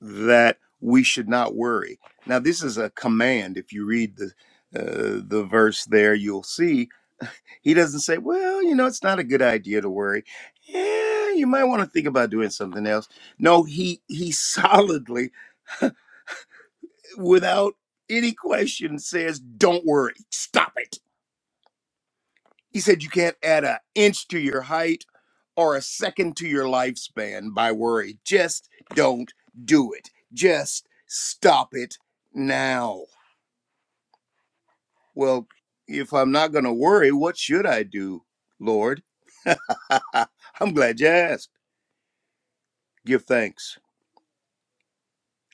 Speaker 2: that we should not worry. Now, this is a command. If you read the uh, the verse there, you'll see he doesn't say, "Well, you know, it's not a good idea to worry." Yeah, you might want to think about doing something else. No, he he solidly without any question says, Don't worry, stop it. He said, You can't add an inch to your height or a second to your lifespan by worry. Just don't do it. Just stop it now. Well, if I'm not going to worry, what should I do, Lord? I'm glad you asked. Give thanks.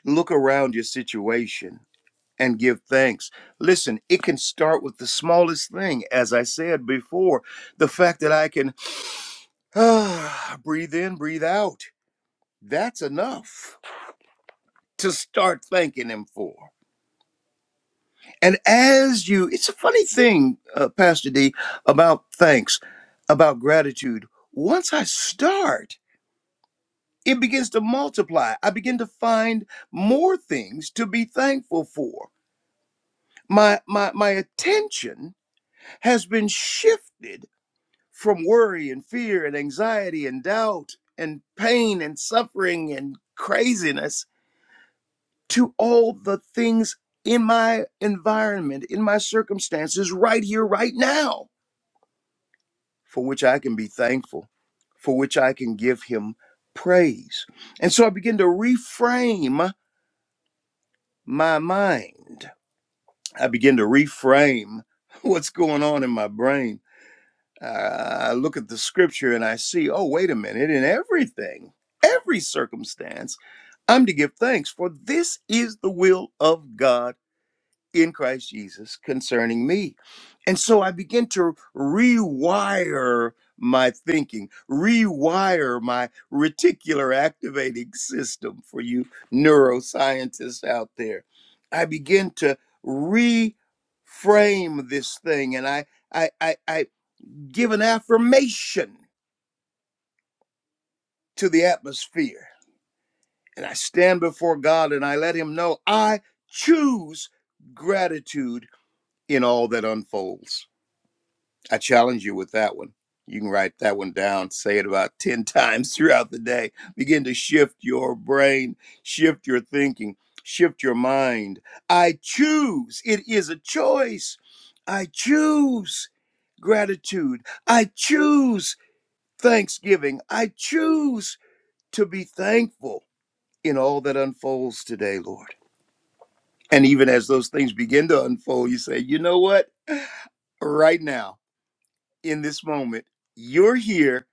Speaker 2: Look around your situation and give thanks. Listen, it can start with the smallest thing. As I said before, the fact that I can ah, breathe in, breathe out, that's enough to start thanking Him for. And as you, it's a funny thing, uh, Pastor D, about thanks, about gratitude. Once I start, it begins to multiply. I begin to find more things to be thankful for. My my my attention has been shifted from worry and fear and anxiety and doubt and pain and suffering and craziness to all the things in my environment, in my circumstances, right here, right now, for which I can be thankful, for which I can give Him praise. And so I begin to reframe my mind. I begin to reframe what's going on in my brain uh, I look at the scripture and I see, oh, wait a minute, in everything, every circumstance, I'm to give thanks, for this is the will of God in Christ Jesus concerning me. And so I begin to rewire my thinking, rewire my reticular activating system for you neuroscientists out there. I begin to reframe this thing and I I, I, I give an affirmation to the atmosphere. And I stand before God and I let Him know I choose gratitude in all that unfolds. I challenge you with that one. You can write that one down, say it about 10 times throughout the day. Begin to shift your brain, shift your thinking, shift your mind. I choose, it is a choice. I choose gratitude. I choose thanksgiving. I choose to be thankful in all that unfolds today, Lord. And even as those things begin to unfold, you say, you know what? Right now, in this moment, you're here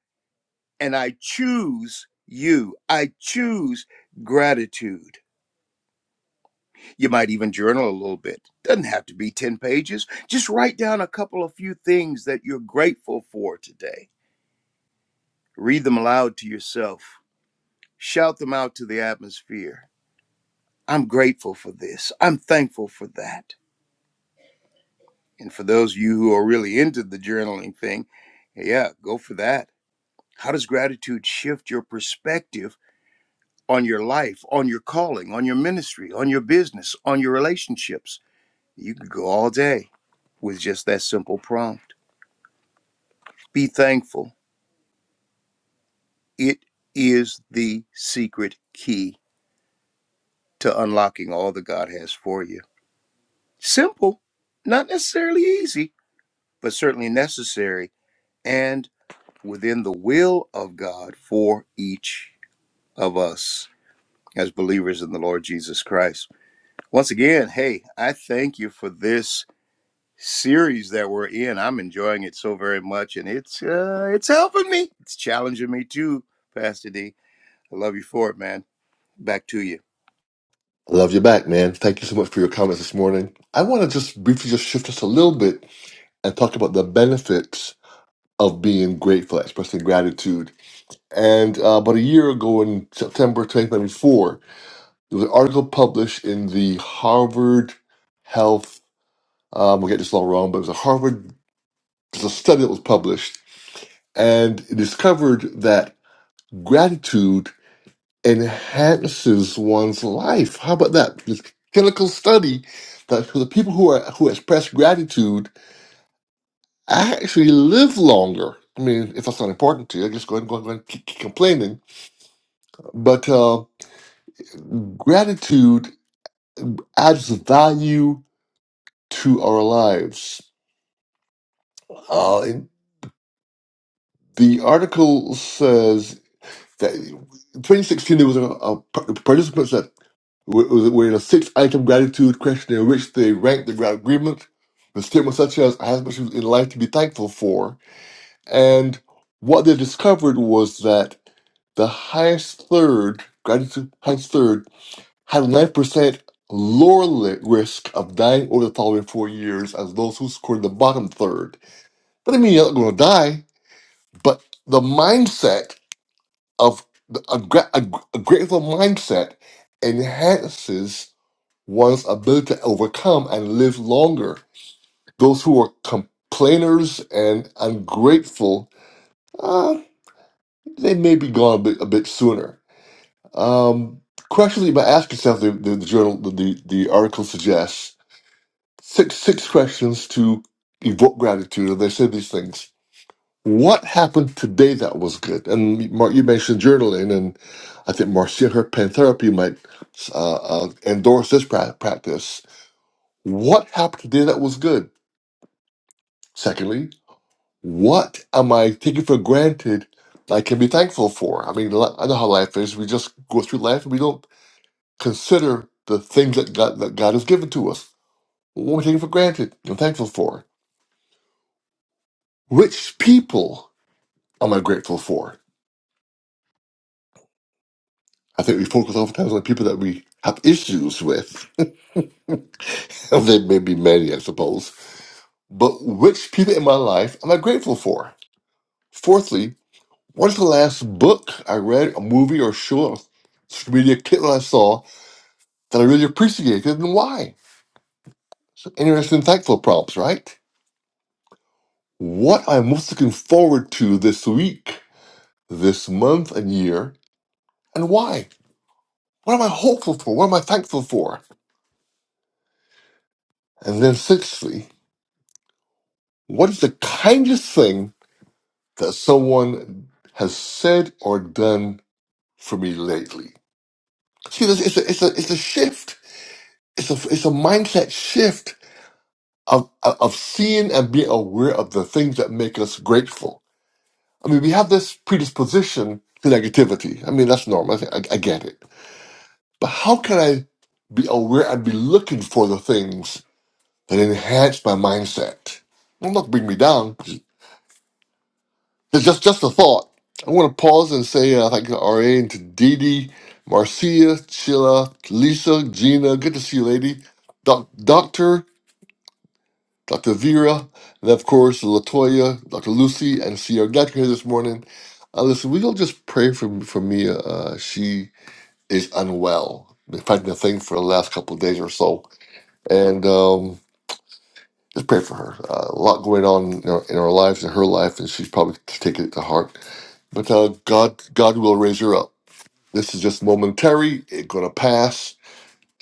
Speaker 2: and I choose you. I choose gratitude. You might even journal a little bit. Doesn't have to be 10 pages. Just write down a couple of few things that you're grateful for today. Read them aloud to yourself. Shout them out to the atmosphere. I'm grateful for this. I'm thankful for that. And for those of you who are really into the journaling thing, hey, yeah, go for that. How does gratitude shift your perspective on your life, on your calling, on your ministry, on your business, on your relationships? You could go all day with just that simple prompt. Be thankful. It is the secret key to unlocking all that God has for you. Simple, not necessarily easy, but certainly necessary and within the will of God for each of us as believers in the Lord Jesus Christ. Once again, hey, I thank you for this series that we're in. I'm enjoying it so very much, and it's uh, it's helping me. It's challenging me too, Pastor D. I love you for it, man. Back to you.
Speaker 1: I love you back, man. Thank you so much for your comments this morning. I want to just briefly just shift us a little bit and talk about the benefits of being grateful, expressing gratitude. And uh, about a year ago in September 2024, It was an article published in the Harvard Health. Um, we'll get this all wrong, but it was a Harvard. There's a study that was published, and it discovered that gratitude enhances one's life. How about that? This clinical study that the people who are who express gratitude actually live longer. I mean, if that's not important to you, just go ahead and go ahead and keep keep complaining. But uh, gratitude adds value to our lives. Uh, The article says that in 2016 there was a, a participants that were, were in a six-item gratitude questionnaire in which they ranked their agreement with statements such as "I have much in life to be thankful for," and what they discovered was that the highest third gratitude highest third had 9% lower li- risk of dying over the following four years as those who scored the bottom third. Doesn't mean you're not going to die, but the mindset of the- a, gra- a, a grateful mindset enhances one's ability to overcome and live longer. Those who are complainers and ungrateful, uh, they may be gone a bit, a bit sooner. Um, questions you might ask yourself, the, the, the journal, the, the, the article suggests six six questions to evoke gratitude, and they say these things. What happened today that was good? And Mark, you mentioned journaling, and I think Marcia, her pen therapy, might uh, uh, endorse this pra- practice. What happened today that was good? Secondly, what am I taking for granted that I can be thankful for? I mean, li- I know how life is. We just go through life and we don't consider the things that God, that God has given to us. What am I taking for granted and thankful for? Which people am I grateful for? I think we focus oftentimes on people that we have issues with. There may be many, I suppose. But which people in my life am I grateful for? Fourthly, what is the last book I read, a movie or show, or social media clip I saw that I really appreciated and why? So interesting, thankful prompts, right? What I'm most looking forward to this week, this month and year, and why? What am I hopeful for? What am I thankful for? And then sixthly, what is the kindest thing that someone has said or done for me lately. See, this it's a it's a it's a shift. It's a it's a mindset shift of of seeing and being aware of the things that make us grateful. I mean, we have this predisposition to negativity. I mean, that's normal. I, I get it. But how can I be aware and be looking for the things that enhance my mindset? Well, not bring me down. It's just just a thought. I want to pause and say uh, thank you to RA and to Dee Dee, Marcia, Chilla, Lisa, Gina. Good to see you, lady. Doc, Doctor, Dr. Vera, and of course, Latoya, Dr. Lucy, and Sierra. Glad you're here this morning. Uh, listen, we will just pray for, for Mia. Uh, uh, she is unwell. Been fighting a thing for the last couple of days or so. And um, just pray for her. Uh, a lot going on in her, in her life, in her life, and she's probably taking it to heart. But uh, God, God will raise her up. This is just momentary. It's gonna pass,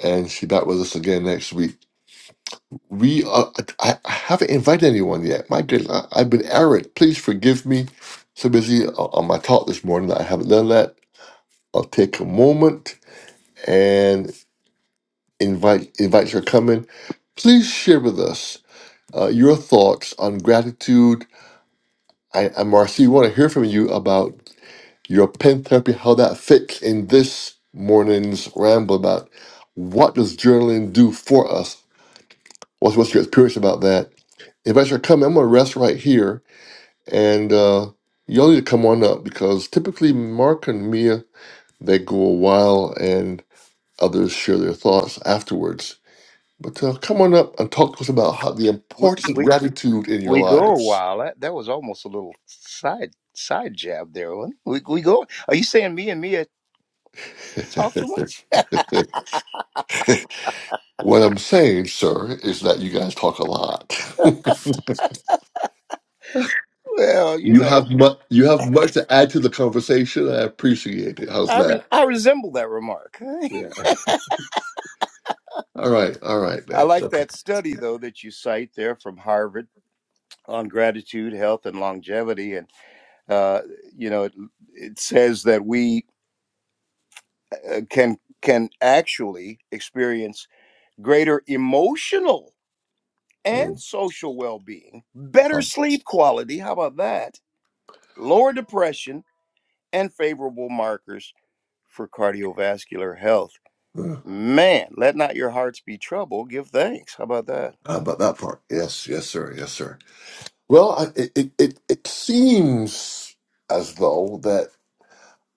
Speaker 1: and she back with us again next week. We, uh, I, I haven't invited anyone yet. My goodness, I, I've been errant. Please forgive me. So busy o- on my talk this morning that I haven't done that. I'll take a moment and invite invite your coming. Please share with us uh, your thoughts on gratitude. I, and Marcy, we want to hear from you about your pen therapy, how that fits in this morning's ramble about what does journaling do for us? What's, what's your experience about that? If I should come, I'm going to rest right here, and uh, y'all need to come on up because typically Mark and Mia they go a while, and others share their thoughts afterwards. But uh, come on up and talk to us about how the
Speaker 2: We
Speaker 1: importance of
Speaker 2: we,
Speaker 1: gratitude in your
Speaker 2: we go a
Speaker 1: lives.
Speaker 2: while. That, that was almost a little side side jab there. wasn't it? We we go. Are you saying me and Mia talk too much?
Speaker 1: What I'm saying, sir, is that you guys talk a lot.
Speaker 2: Well, you
Speaker 1: you
Speaker 2: know,
Speaker 1: have much. You have much to add to the conversation. I appreciate it. How's
Speaker 2: I re-
Speaker 1: that?
Speaker 2: I resemble that remark.
Speaker 1: Yeah. All right. All right,
Speaker 2: I
Speaker 1: man.
Speaker 2: like
Speaker 1: Okay.
Speaker 2: that study, though, that you cite there from Harvard on gratitude, health, and longevity. And, uh, you know, it, it says that we uh, can can actually experience greater emotional and
Speaker 1: Mm,
Speaker 2: social well-being, better
Speaker 1: huh.
Speaker 2: sleep quality, how about that? Lower depression and favorable markers for cardiovascular health.
Speaker 1: Uh,
Speaker 2: Man, let not your hearts be troubled, give thanks. How about that?
Speaker 1: How about that part? Yes. Yes, sir. Yes, sir. Well, I, it, it it it seems as though that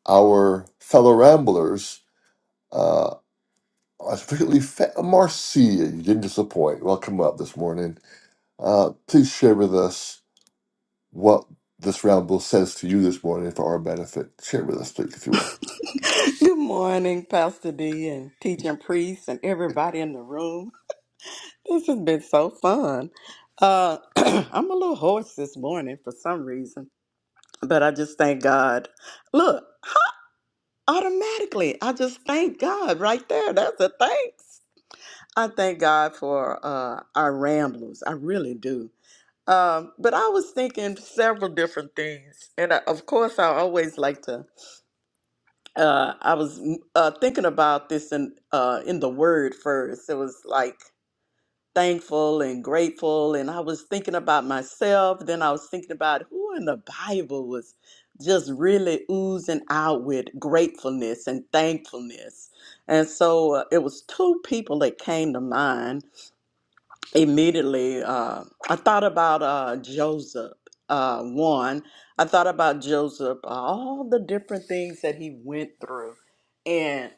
Speaker 1: our fellow ramblers, uh, particularly Fe- Marcia, you didn't disappoint. Welcome up this morning. Uh, please share with us what this round says to you this morning for our benefit. Share with us, please, if you will.
Speaker 3: Good morning, Pastor D and teaching priests and everybody in the room. This has been so fun. Uh, I'm a little hoarse this morning for some reason, but I just thank God. Look, automatically, I just thank God right there. That's a thanks. I thank God for uh, our ramblers. I really do. Um, but I was thinking several different things. And I, of course, I always like to uh, I was mm, uh, thinking about this in uh, in the word first. It was like thankful and grateful, and I was thinking about myself. Then I was thinking about who in the Bible was just really oozing out with gratefulness and thankfulness. And so uh, it was two people that came to mind immediately uh, i thought about uh, joseph uh, one i thought about joseph uh, all the different things that he went through and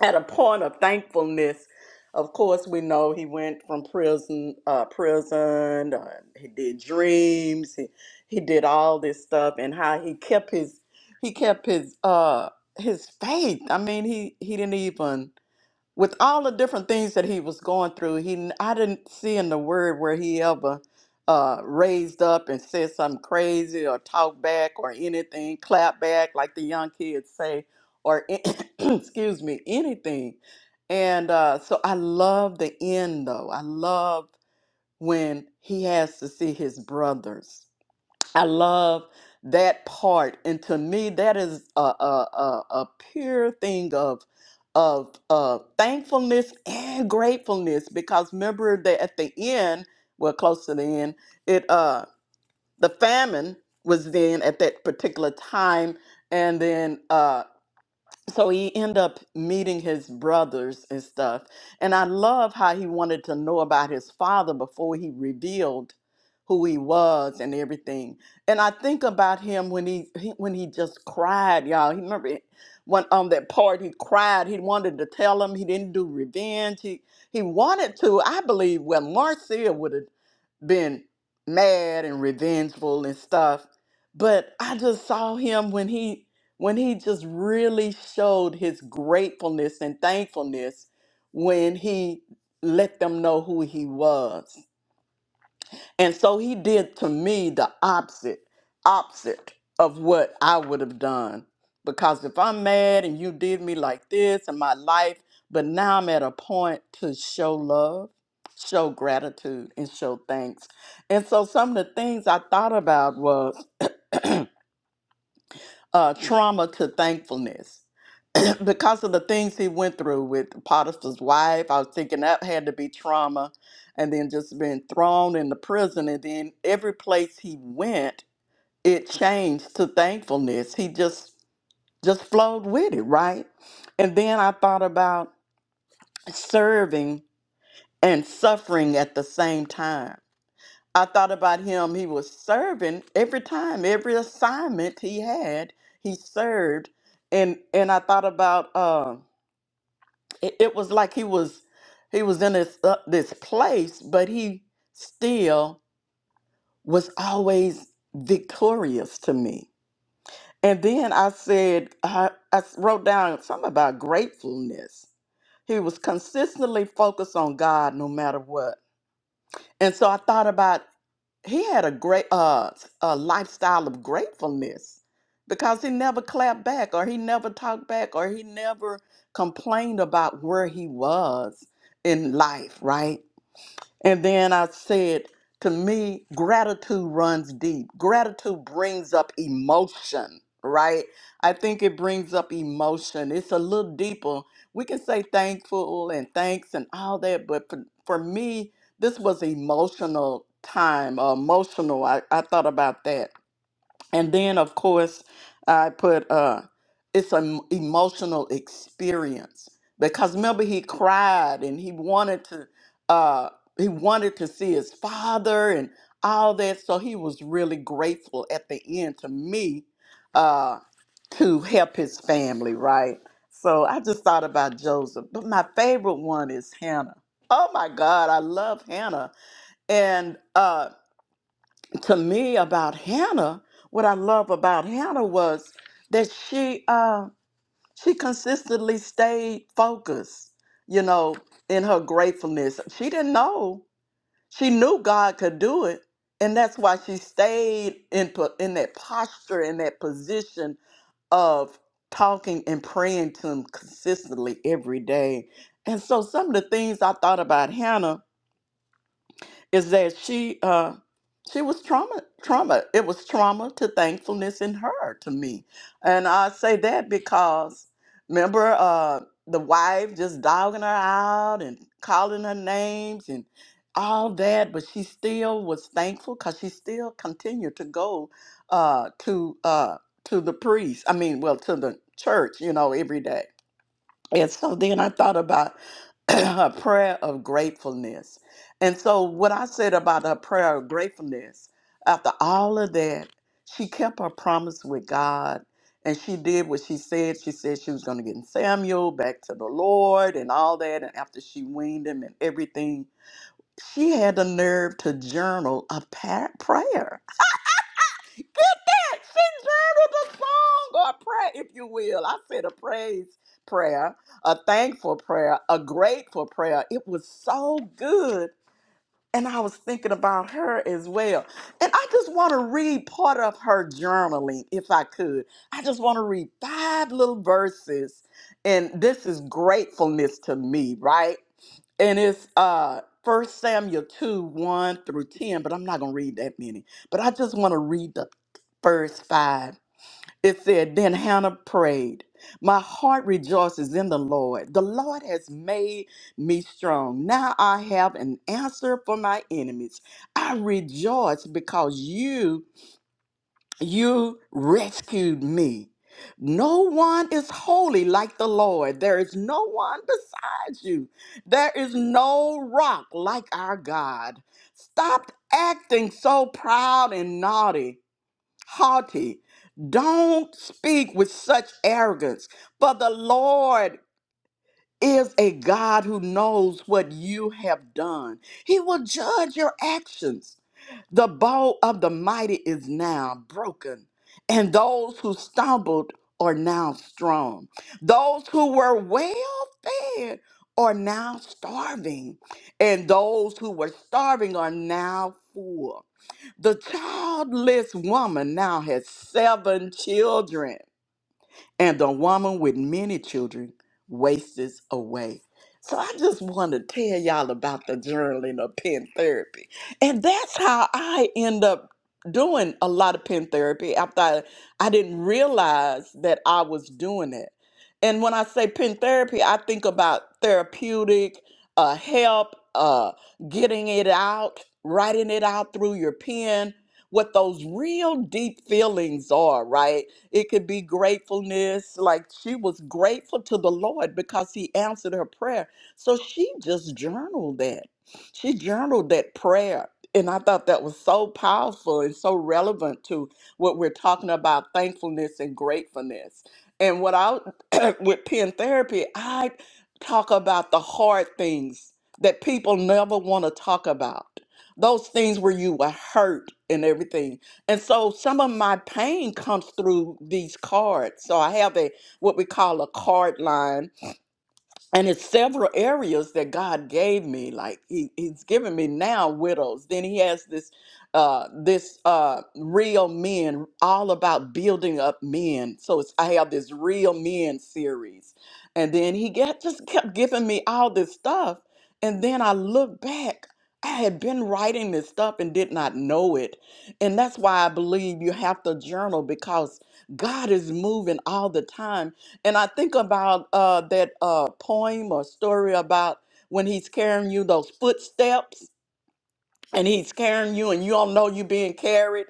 Speaker 3: at a point of thankfulness of course we know he went from prison uh, prison uh, he did dreams he, he did all this stuff and how he kept his he kept his uh his faith i mean he he didn't even with all the different things that he was going through, he I didn't see in the word where he ever uh, raised up and said something crazy or talked back or anything, clap back like the young kids say, or excuse me, anything. And uh, so I love the end though. I love when he has to see his brothers. I love that part, and to me, that is a a, a, a pure thing of of uh, thankfulness and gratefulness. Because remember that at the end, well, close to the end, it uh the famine was then at that particular time, and then uh so he end up meeting his brothers and stuff and i love how he wanted to know about his father before he revealed who he was and everything and i think about him when he, he when he just cried y'all he remember it- when on that part he cried he wanted to tell him he didn't do revenge he he wanted to i believe well marcia would have been mad and revengeful and stuff but i just saw him when he when he just really showed his gratefulness and thankfulness when he let them know who he was and so he did to me the opposite, opposite of what I would have done. Because if I'm mad and you did me like this in my life, but now I'm at a point to show love, show gratitude, and show thanks. And so some of the things I thought about was uh, trauma to thankfulness because of the things he went through with Potiphar's wife. I was thinking that had to be trauma, and then just being thrown in the prison, and then every place he went, it changed to thankfulness. He just just flowed with it, right? And then I thought about serving and suffering at the same time I thought about him. He was serving every time, every assignment he had, he served. And and I thought about uh, it, it was like he was he was in this uh, this place, but he still was always victorious to me. And then I said I, I wrote down something about gratefulness. He was consistently focused on God no matter what. And so I thought about he had a great uh a lifestyle of gratefulness because he never clapped back or he never talked back or he never complained about where he was in life right and then I said, to me, gratitude runs deep. Gratitude brings up emotion, right? I think it brings up emotion. It's a little deeper. We can say thankful and thanks and all that, but for, for me, this was emotional time, uh, emotional. I, I thought about that. And then, of course, I put uh, it's an emotional experience because remember he cried and he wanted to uh, he wanted to see his father and all that. So he was really grateful at the end to me uh, to help his family, right? So I just thought about Joseph, but my favorite one is Hannah. Oh my God, I love Hannah, and uh, to me about Hannah, what I love about Hannah was that she uh, she consistently stayed focused, you know, in her gratefulness. She didn't know she knew God could do it, and that's why she stayed in po- in that posture in that position of talking and praying to Him consistently every day. And so, some of the things I thought about Hannah is that she uh she was trauma trauma it was trauma to thankfulness in her to me and i say that because remember uh the wife just dogging her out and calling her names and all that but she still was thankful because she still continued to go uh to uh to the priest i mean well to the church you know every day and so then i thought about her prayer of gratefulness. And so, what I said about her prayer of gratefulness, after all of that, she kept her promise with God and she did what she said. She said she was going to get Samuel back to the Lord and all that. And after she weaned him and everything, she had the nerve to journal a pa- prayer. Get that. She journaled a song or a prayer, if you will. I said a praise prayer, a thankful prayer, a grateful prayer. It was so good. And I was thinking about her as well. And I just want to read part of her journaling, if I could. I just want to read five little verses. And this is gratefulness to me, right? and it's uh first samuel 2 1 through 10 but i'm not gonna read that many but i just want to read the first five it said then hannah prayed, 'My heart rejoices in the lord the lord has made me strong now i have an answer for my enemies i rejoice because you you rescued me. No one is holy like the Lord. There is no one besides you. There is no rock like our God. Stop acting so proud and naughty, haughty. Don't speak with such arrogance, for the Lord is a God who knows what you have done. He will judge your actions. The bow of the mighty is now broken, and those who stumbled are now strong. Those who were well fed are now starving, and those who were starving are now full. The childless woman now has seven children and a woman with many children wastes away. So I just want to tell y'all about the journaling of pen therapy. And that's how I end up doing a lot of pen therapy after I, I didn't realize that I was doing it. And when I say pen therapy, I think about therapeutic, uh, help, uh, getting it out, writing it out through your pen, what those real deep feelings are, right? It could be gratefulness. Like she was grateful to the Lord because he answered her prayer. So she just journaled that. She journaled that prayer. And I thought that was so powerful and so relevant to what we're talking about thankfulness and gratefulness. And what I, with pen therapy, I talk about the hard things that people never want to talk about. Those things where you were hurt and everything and so some of my pain comes through these cards. So I have a what we call a card line and it's several areas that God gave me. Like he, He's given me now widows. Then He has this, uh, this uh, real men, all about building up men. So it's, I have this real men series, and then He get, just kept giving me all this stuff. And then I look back. I had been writing this stuff and did not know it. And that's why I believe you have to journal because God is moving all the time and I think about uh, that uh, poem or story about when he's carrying you those footsteps and he's carrying you and you don't know you being carried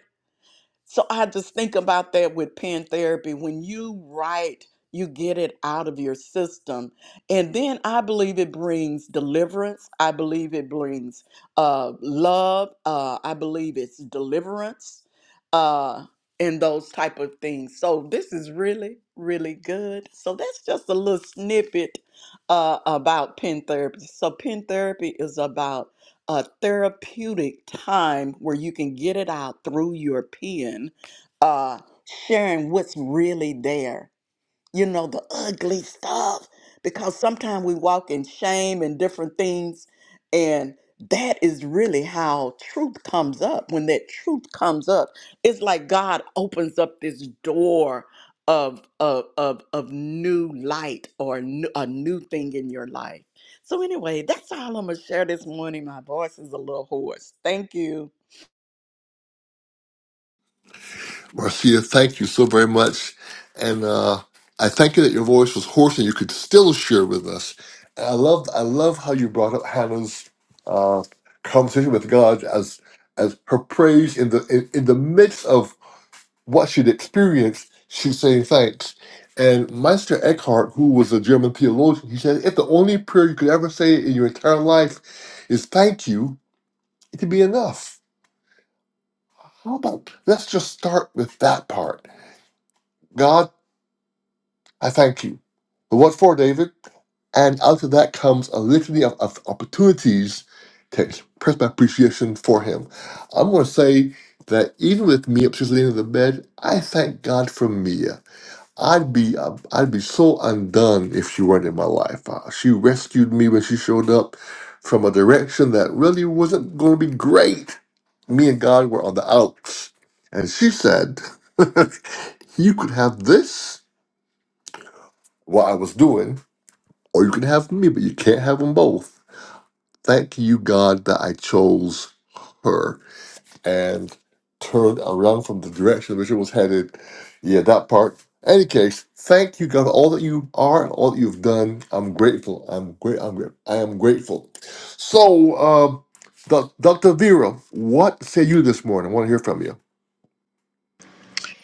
Speaker 3: so I just think about that with pen therapy. When you write, you get it out of your system. And then I believe it brings deliverance. I believe it brings uh, love. Uh, I believe it's deliverance uh, and those type of things. So this is really, really good. So that's just a little snippet uh, about pen therapy. So pen therapy is about a therapeutic time where you can get it out through your pen, uh, sharing what's really there you know, the ugly stuff. Because sometimes we walk in shame and different things. And that is really how truth comes up. When that truth comes up, it's like God opens up this door of of of, of new light or new, a new thing in your life. So anyway, that's all I'm gonna share this morning. My voice is a little hoarse. Thank you.
Speaker 1: Marcia, thank you so very much. And uh, I thank you that your voice was hoarse and you could still share with us. And I love I love how you brought up Hannah's uh, conversation with God as as her praise in the in, in the midst of what she'd experienced, she's saying thanks. And Meister Eckhart, who was a German theologian, he said, if the only prayer you could ever say in your entire life is thank you, it can be enough. How about let's just start with that part? God, I thank you. But what for, David? And out of that comes a litany of, of opportunities to express my appreciation for him. I'm going to say that even with me upstairs at the end of the bed, I thank God for Mia. I'd be I'd I'd be so undone if she weren't in my life. Uh, she rescued me when she showed up from a direction that really wasn't going to be great. Me and God were on the outs, and she said, "You could have this, what I was doing, or you can have me, but you can't have them both." Thank you, God, that I chose her and turned around from the direction in which it was headed. Yeah, that part. Any case, thank you God for all that you are, and all that you've done. I'm grateful. I'm great. I'm great. I am grateful. So, um, Doc- Dr. Vera, what say you this morning? I want to hear from you.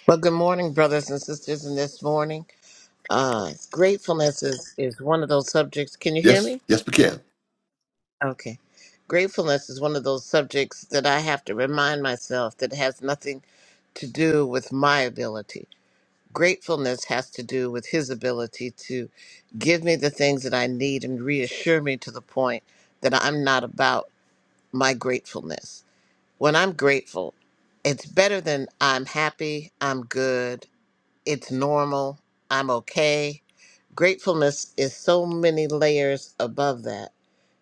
Speaker 4: Well, good morning, brothers and sisters, and this morning. Uh, gratefulness is, is one of those subjects. Can you hear
Speaker 1: Yes,
Speaker 4: me?
Speaker 1: yes, we can.
Speaker 4: Okay. Gratefulness is one of those subjects that I have to remind myself that has nothing to do with my ability. Gratefulness has to do with his ability to give me the things that I need and reassure me to the point that I'm not about my gratefulness. When I'm grateful, it's better than I'm happy, I'm good, It's normal. I'm okay. Gratefulness is so many layers above that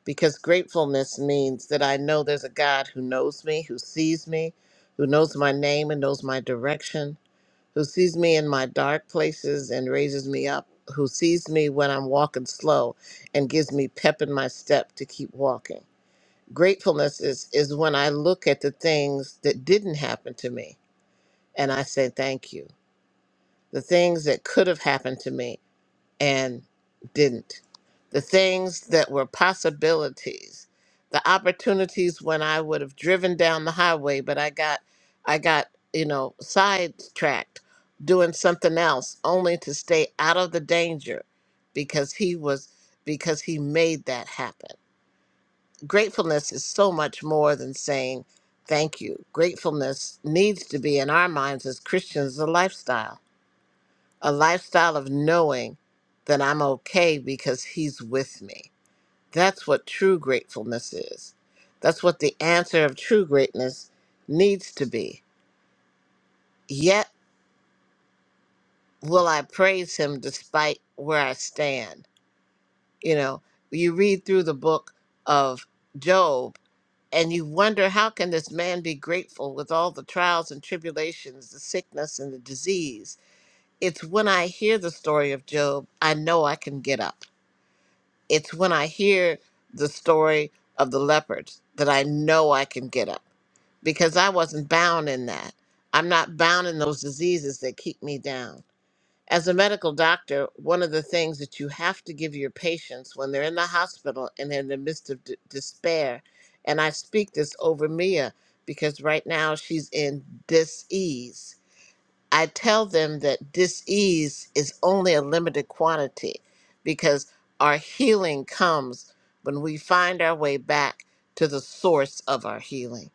Speaker 4: because gratefulness means that I know there's a God who knows me, who sees me, who knows my name and knows my direction, who sees me in my dark places and raises me up, who sees me when I'm walking slow and gives me pep in my step to keep walking. Gratefulness is, is when I look at the things that didn't happen to me and I say thank you. The things that could have happened to me and didn't. The things that were possibilities, the opportunities when I would have driven down the highway, but I got, I got, you know, sidetracked doing something else only to stay out of the danger because he was, because he made that happen. Gratefulness is so much more than saying thank you. Gratefulness needs to be in our minds as Christians a lifestyle a lifestyle of knowing that I'm okay because He's with me. That's what true gratefulness is. That's what the answer of true greatness needs to be. Yet will I praise Him despite where I stand. You know, you read through the book of Job and you wonder how can this man be grateful with all the trials and tribulations, the sickness and the disease. It's when I hear the story of Job, I know I can get up It's when I hear the story of the leopards that I know I can get up because I wasn't bound in that. I'm not bound in those diseases that keep me down. As a medical doctor, one of the things that you have to give your patients when they're in the hospital and they're in the midst of d- despair, and I speak this over Mia because right now she's in dis ease I tell them that disease is only a limited quantity because our healing comes when we find our way back to the source of our healing.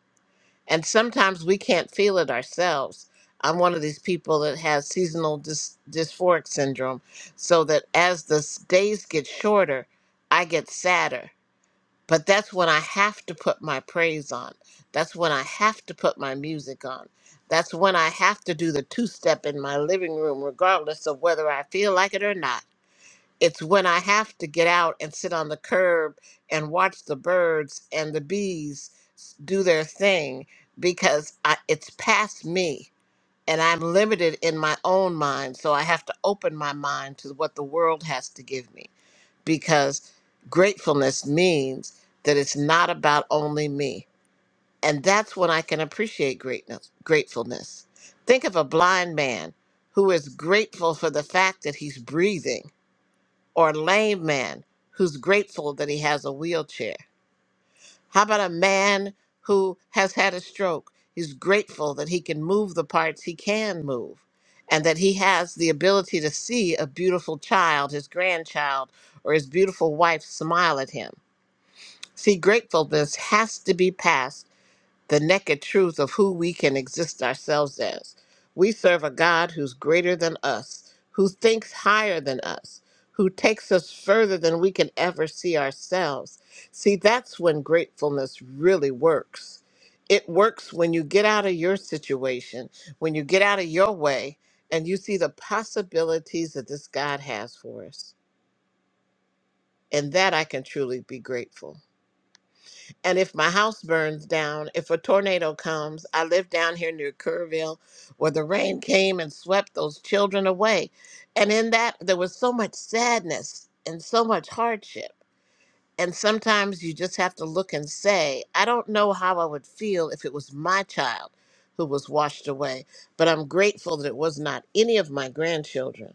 Speaker 4: And sometimes we can't feel it ourselves. I'm one of these people that has seasonal dys- dysphoric syndrome, so that as the s- days get shorter, I get sadder but that's when I have to put my praise on. That's when I have to put my music on. That's when I have to do the two step in my living room, regardless of whether I feel like it or not. It's when I have to get out and sit on the curb and watch the birds and the bees s- do their thing because I, it's past me and I'm limited in my own mind. So I have to open my mind to what the world has to give me because gratefulness means that it's not about only me. And that's when I can appreciate greatness, gratefulness. Think of a blind man who is grateful for the fact that he's breathing, or a lame man who's grateful that he has a wheelchair. How about a man who has had a stroke? He's grateful that he can move the parts he can move and that he has the ability to see a beautiful child, his grandchild, or his beautiful wife smile at him See, gratefulness has to be past the naked truth of who we can exist ourselves as. We serve a God who's greater than us, who thinks higher than us, who takes us further than we can ever see ourselves. See, that's when gratefulness really works. It works when you get out of your situation, when you get out of your way, and you see the possibilities that this God has for us. And that I can truly be grateful. And if my house burns down, if a tornado comes, I live down here near Kerrville where the rain came and swept those children away. And in that, there was so much sadness and so much hardship. And sometimes you just have to look and say, I don't know how I would feel if it was my child who was washed away, but I'm grateful that it was not any of my grandchildren.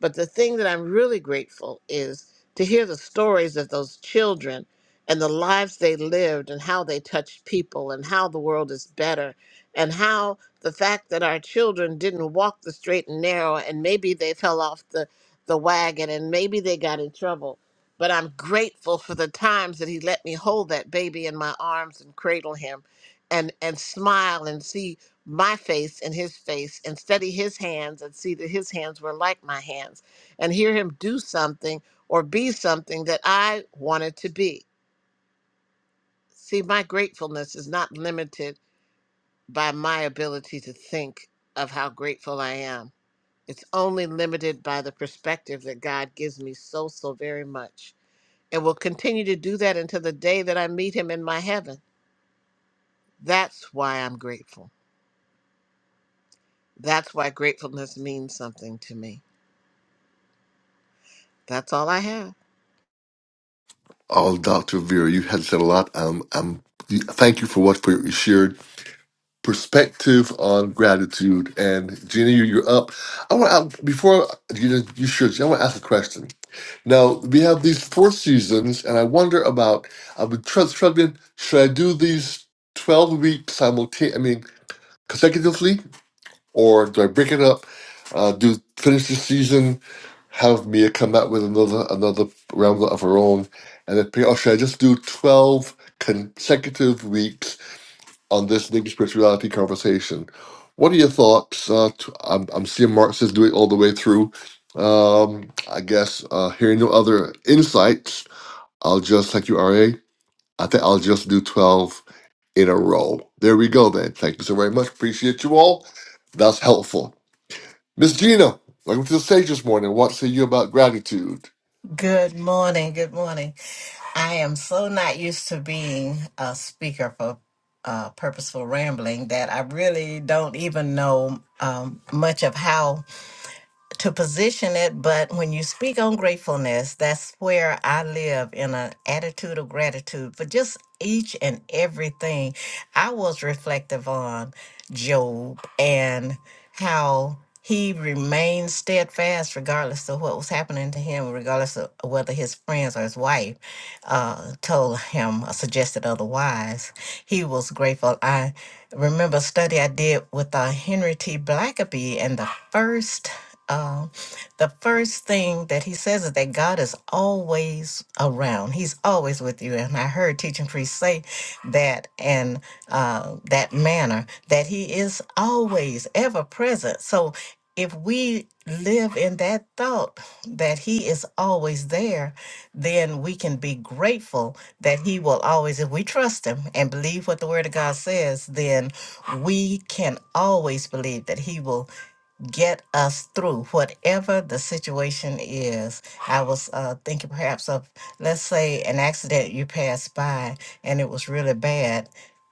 Speaker 4: But the thing that I'm really grateful is to hear the stories of those children and the lives they lived and how they touched people and how the world is better and how the fact that our children didn't walk the straight and narrow and maybe they fell off the, the wagon and maybe they got in trouble. But I'm grateful for the times that he let me hold that baby in my arms and cradle him and, and smile and see my face in his face and study his hands and see that his hands were like my hands and hear him do something or be something that I wanted to be. See, my gratefulness is not limited by my ability to think of how grateful I am. It's only limited by the perspective that God gives me so, so very much and will continue to do that until the day that I meet him in my heaven. That's why I'm grateful. That's why gratefulness means something to me. That's all I have.
Speaker 1: Oh, Dr. Vera, you had said a lot. Um, I'm, thank you for what for your shared perspective on gratitude. And Gina, you, you're up. I want to, before you you should, I want to ask a question Now we have these four seasons, and I wonder about. I've been tr- struggling. Should I do these twelve weeks simultaneously? I mean, consecutively, or do I break it up? Uh, do finish the season, have Mia come out with another another round of her own, and then pick, or should I just do twelve consecutive weeks on this Negro spirituality conversation? What are your thoughts? Uh, t- I'm, I'm seeing Mark says do it all the way through. Um, I guess uh, hearing no other insights. I'll just thank you, RA. I think I'll just do 12 in a row. There we go, then. Thank you so very much. Appreciate you all. That's helpful. Miss Gina, welcome to the stage this morning. What say you about gratitude?
Speaker 5: Good morning. Good morning. I am so not used to being a speaker for uh, purposeful rambling that I really don't even know um, much of how to position it but when you speak on gratefulness that's where i live in an attitude of gratitude for just each and everything i was reflective on job and how he remained steadfast regardless of what was happening to him regardless of whether his friends or his wife uh, told him or suggested otherwise he was grateful i remember a study i did with uh, henry t blackaby and the first um, the first thing that he says is that God is always around. He's always with you. And I heard teaching priest say that in uh, that manner, that he is always ever present. So if we live in that thought that he is always there, then we can be grateful that he will always, if we trust him and believe what the word of God says, then we can always believe that he will get us through whatever the situation is. I was uh, thinking perhaps of, let's say, an accident you passed by and it was really bad.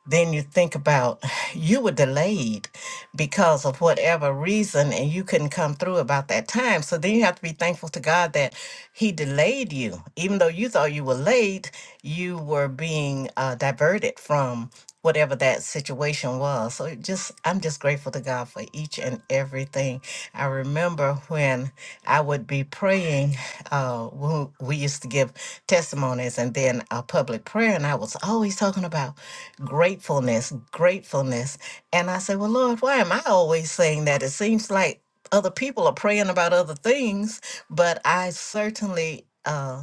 Speaker 5: Then you think about you were delayed because of whatever reason and you couldn't come through about that time. So then you have to be thankful to God that He delayed you. Even though you thought you were late, you were being uh, diverted from whatever that situation was. So it just I'm just grateful to God for each and everything. I remember when I would be praying, uh when we used to give testimonies and then a public prayer and I was always talking about gratefulness, gratefulness. And I said, Well Lord, why am I always saying that? It seems like other people are praying about other things, but I certainly uh,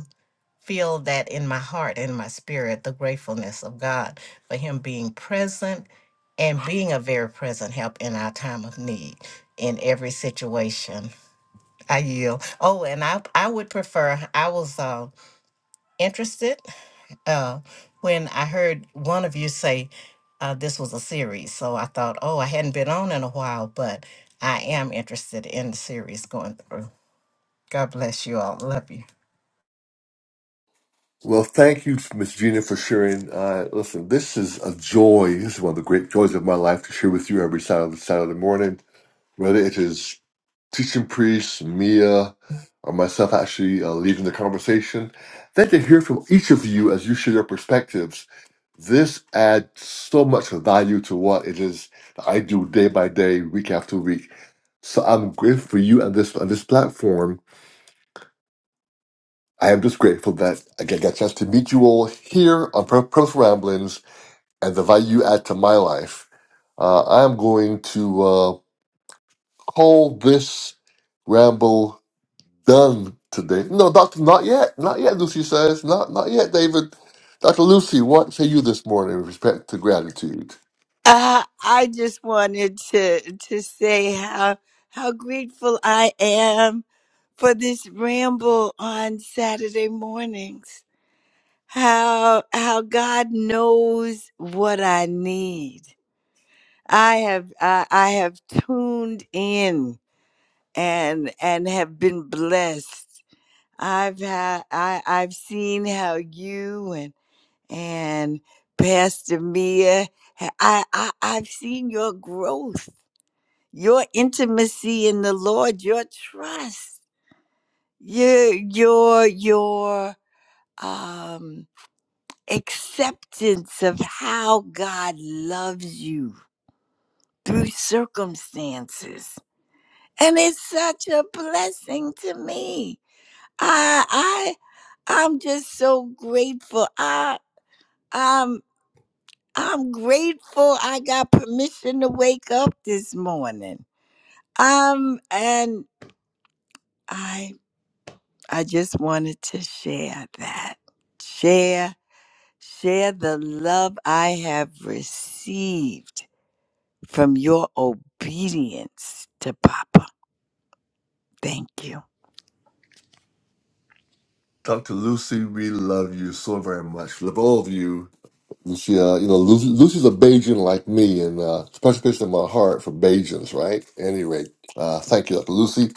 Speaker 5: feel that in my heart and my spirit, the gratefulness of God for Him being present and being a very present help in our time of need in every situation. I yield. Oh, and I, I would prefer, I was uh, interested uh, when I heard one of you say uh, this was a series. So I thought, oh, I hadn't been on in a while, but I am interested in the series going through. God bless you all. Love you.
Speaker 1: Well, thank you, Miss Gina, for sharing. Uh, listen, this is a joy. This is one of the great joys of my life to share with you every Saturday, Saturday morning, whether it is teaching priests, Mia, or myself actually uh, leading the conversation. Then to hear from each of you as you share your perspectives This adds so much value to what it is that I do day by day, week after week. So I'm grateful for you and this on this platform. I am just grateful that I get, get a chance to meet you all here on Pur- Purposeful Ramblings and the value you add to my life. Uh, I am going to uh, call this ramble done today. No, Doctor, not yet, not yet. Lucy says, not not yet, David. Doctor Lucy, what say you this morning with respect to gratitude?
Speaker 6: Uh, I just wanted to to say how how grateful I am for this ramble on Saturday mornings. How how God knows what I need. I have I I have tuned in and and have been blessed. I've had I I've seen how you and and Pastor Mia. ha- I, I I've seen your growth your intimacy in the Lord, your trust, your your your um acceptance of how God loves you through circumstances. And it's such a blessing to me. I I I'm just so grateful. I I'm I'm grateful I got permission to wake up this morning. Um and I I just wanted to share that. Share, share the love I have received from your obedience to Papa. Thank you.
Speaker 1: Dr. Lucy, we love you so very much. Love all of you. And She, uh, you know, Lucy, Lucy's a Bajan like me, and uh, special place in my heart for Bajans, right? Anyway, uh, thank you, Dr. Lucy.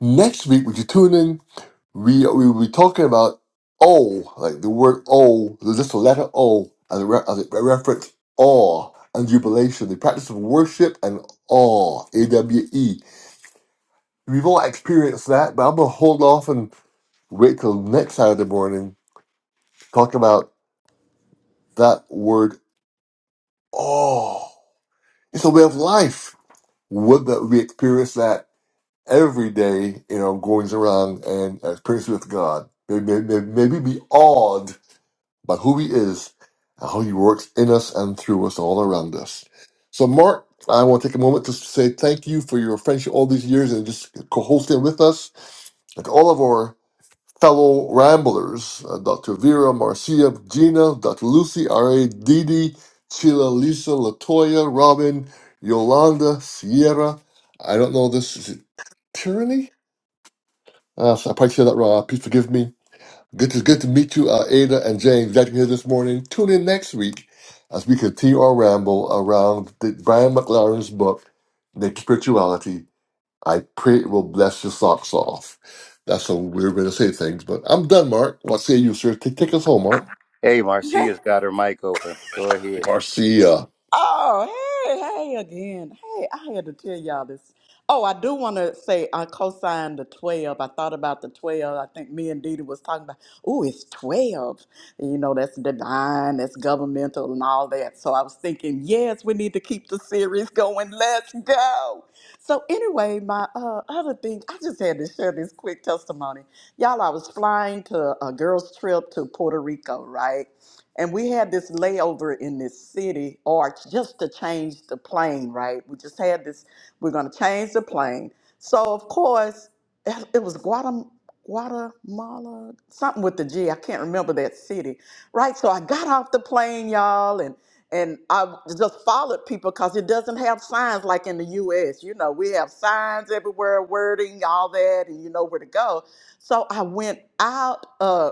Speaker 1: Next week, would you tune in? We we will be talking about O, like the word O, just the letter O, as a, re- as a reference awe and jubilation, the practice of worship and awe, A W E. We've all experienced that, but I'm gonna hold off and wait till next Saturday morning. Talk about that word all. It's a way of life. Whether we experience that every day in our goings around and experience with God, may, may, may, may we be awed by who He is and how He works in us and through us all around us. So, Mark, I want to take a moment to say thank you for your friendship all these years and just co hosting with us. And to all of our fellow ramblers, uh, Dr. Vera Marcia, Gina, Dr. Lucy, R.A., Didi, Sheila, Lisa, Latoya, Robin, Yolanda, Sierra. I don't know this. Is it Tyranny? Uh, so I probably said that wrong. Uh, Please forgive me. Good to, good to meet you, uh, Ada and James. Glad you're here this morning. Tune in next week as we continue our ramble around the, Brian McLaren's book, Naked Spirituality I pray it will bless your socks off. That's how we are going to say things, but I'm done, Mark. What say you, sir? Take, take us home, Mark.
Speaker 2: Hey, Marcia's got her mic open. Go ahead.
Speaker 1: Marcia.
Speaker 3: Oh, hey, hey again. Hey, I had to tell y'all this. Oh, I do want to say I co-signed the 12. I thought about the 12. I think me and Didi was talking about, oh, it's 12. You know, that's divine, that's governmental and all that. So I was thinking, yes, we need to keep the series going. Let's go. So anyway, my uh, other thing, I just had to share this quick testimony. Y'all, I was flying to a girls' trip to Puerto Rico, right? And we had this layover in this city arch just to change the plane, right? We just had this, we're going to change the plane. So, of course, it it was Guatem- Guatemala, something with the G. I can't remember that city, right? So I got off the plane, y'all, and and I just followed people because it doesn't have signs like in the U.S. You know, we have signs everywhere, wording, all that, and you know where to go. So I went out. uh,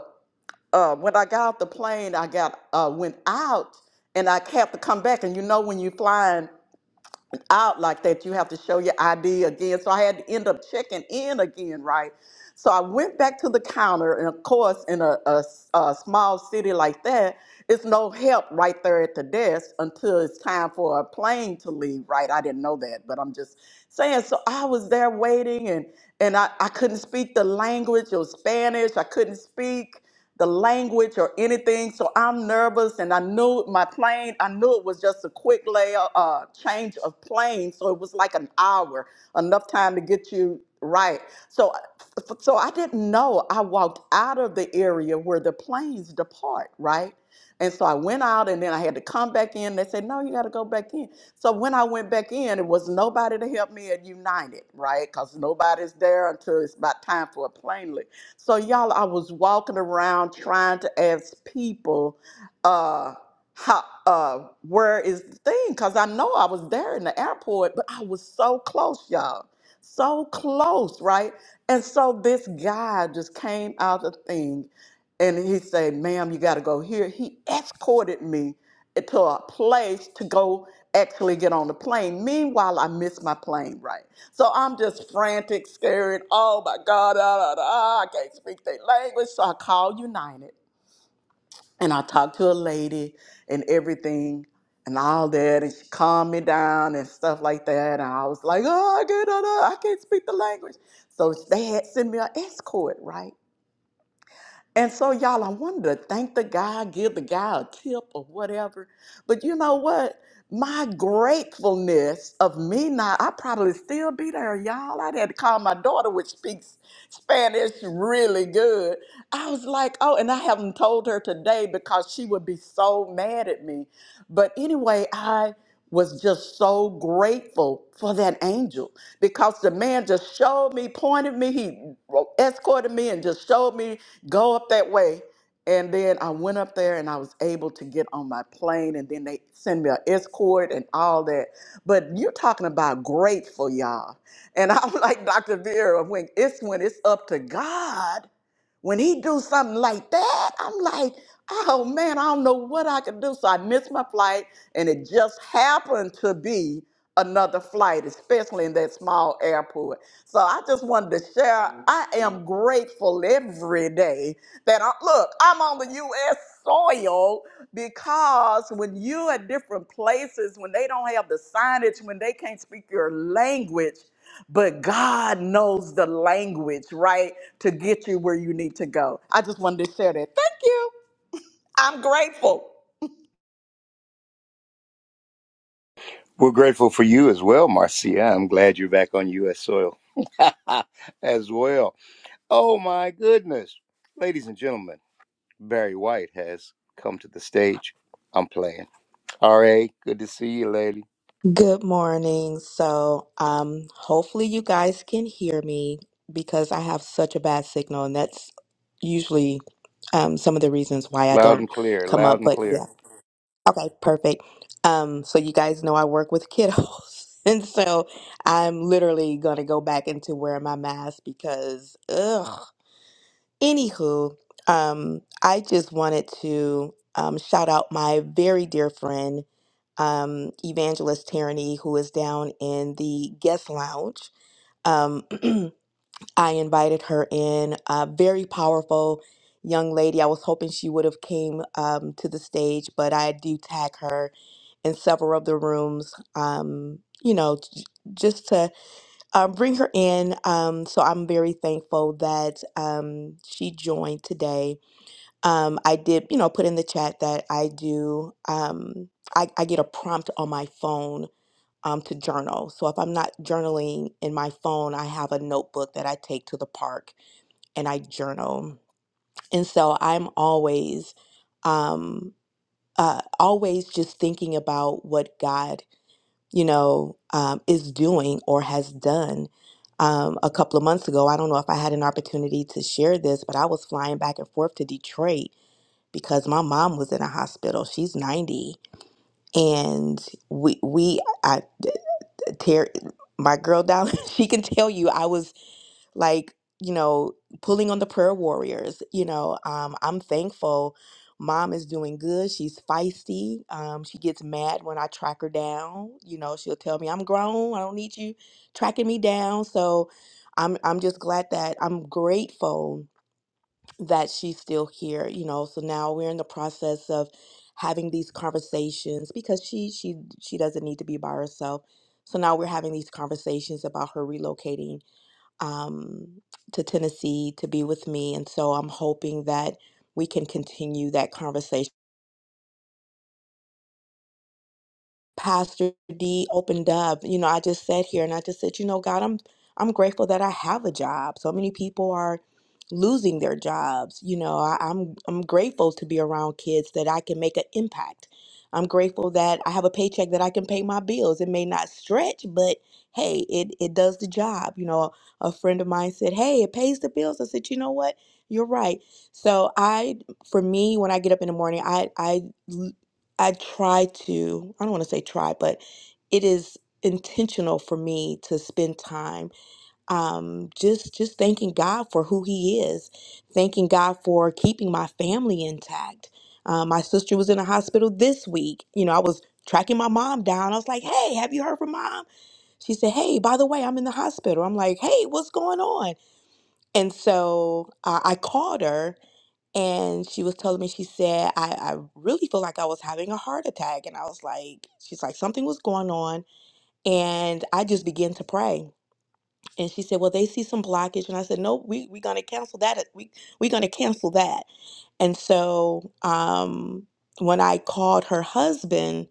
Speaker 3: uh, when I got off the plane, I got uh, went out and I had to come back. And you know, when you're flying out like that, you have to show your ID again. So I had to end up checking in again, right? So I went back to the counter, and of course, in a, a s- a small city like that, it's no help right there at the desk until it's time for a plane to leave, right? I didn't know that, but I'm just saying. So I was there waiting, and and I, I couldn't speak the language or Spanish. I couldn't speak the language or anything. So I'm nervous, and I knew my plane. I knew it was just a quick layer uh, change of plane, so it was like an hour, enough time to get you right. So, so I didn't know. I walked out of the area where the planes depart, right? And so I went out, and then I had to come back in. They said, "No, you got to go back in." So when I went back in, it was nobody to help me at United, right? Because nobody's there until it's about time for a plane. So y'all, I was walking around trying to ask people, uh, how, uh, where is the thing? Cause I know I was there in the airport, but I was so close, y'all, so close, right? And so this guy just came out of the thing, and he said, "Ma'am, you got to go here." He escorted me to a place to go actually get on the plane. Meanwhile, I missed my plane, right? So I'm just frantic, scared. Oh my God, ah, ah, ah, I can't speak their language. So I called United and I talked to a lady and everything and all that. And she calmed me down and stuff like that. And I was like, oh, I can't, ah, ah, I can't speak the language. So they had sent me an escort, right? And so, y'all, I wanted to thank the guy, give the guy a tip or whatever. But you know what? My gratefulness of me not, I probably still be there, y'all. I had to call my daughter, which speaks Spanish really good. I was like, oh, and I haven't told her today because she would be so mad at me. But anyway, I was just so grateful for that angel because the man just showed me, pointed me, he escorted me, and just showed me go up that way. And then I went up there and I was able to get on my plane. And then they send me an escort and all that. But you're talking about grateful, y'all. And I'm like Dr. Vera, when it's when it's up to God. When he do something like that, I'm like, oh man, I don't know what I could do. So I missed my flight, and it just happened to be another flight, especially in that small airport. So I just wanted to share. I am grateful every day that I look. I'm on the U.S. soil because when you at different places, when they don't have the signage, when they can't speak your language, but God knows the language, right, to get you where you need to go. I just wanted to share that. Thank you. I'm grateful.
Speaker 2: We're grateful for you as well, Marcia. I'm glad you're back on U.S. soil as well. Oh, my goodness. Ladies and gentlemen, Barry White has come to the stage. I'm playing. R.A., good to see you, lady.
Speaker 7: Good morning. So, um, hopefully you guys can hear me because I have such a bad signal, and that's usually um, some of the reasons why I
Speaker 2: Loud
Speaker 7: don't
Speaker 2: and clear,
Speaker 7: come
Speaker 2: loud
Speaker 7: up.
Speaker 2: and
Speaker 7: But
Speaker 2: clear.
Speaker 7: yeah, okay, perfect. Um, so you guys know I work with kiddos, and so I'm literally gonna go back into wearing my mask because, ugh. Anywho, um, I just wanted to um, shout out my very dear friend um, Evangelist Tyranny, who is down in the guest lounge. Um, I invited her in. A very powerful young lady. I was hoping she would have came um, to the stage, but I do tag her in several of the rooms. Um, you know, j- just to um, bring her in. Um, so I'm very thankful that um, she joined today. Um, I did, you know, put in the chat that I do. Um, I, I get a prompt on my phone um, to journal. So if I'm not journaling in my phone, I have a notebook that I take to the park and I journal. And so I'm always, um, uh, always just thinking about what God, you know, um, is doing or has done. Um, a couple of months ago, I don't know if I had an opportunity to share this, but I was flying back and forth to Detroit because my mom was in a hospital. She's 90. And we, we, I, Tear, my girl down, she can tell you I was like, you know, pulling on the prayer warriors. You know, um, I'm thankful mom is doing good. She's feisty. Um, she gets mad when I track her down. You know, she'll tell me, I'm grown. I don't need you tracking me down. So I'm I'm just glad that I'm grateful that she's still here you know so now we're in the process of having these conversations because she she she doesn't need to be by herself so now we're having these conversations about her relocating um, to tennessee to be with me and so i'm hoping that we can continue that conversation Pastor D opened up, you know, I just sat here and I just said, you know, God, I'm I'm grateful that I have a job. So many people are losing their jobs. You know, I, I'm I'm grateful to be around kids that I can make an impact. I'm grateful that I have a paycheck that I can pay my bills. It may not stretch, but hey, it, it does the job. You know, a friend of mine said, Hey, it pays the bills. I said, you know what? You're right. So I for me, when I get up in the morning, I I I try to, I don't want to say try, but it is intentional for me to spend time um, just just thanking God for who He is, thanking God for keeping my family intact. Um, my sister was in a hospital this week. You know, I was tracking my mom down. I was like, "Hey, have you heard from mom?" She said, "Hey, by the way, I'm in the hospital." I'm like, "Hey, what's going on?" And so uh, I called her and she was telling me, she said, I, I really feel like I was having a heart attack. And I was like, she's like, something was going on. And I just began to pray. And she said, Well, they see some blockage. And I said, No, we, we're gonna cancel that. uh, We we're gonna cancel that. And so um when I called her husband,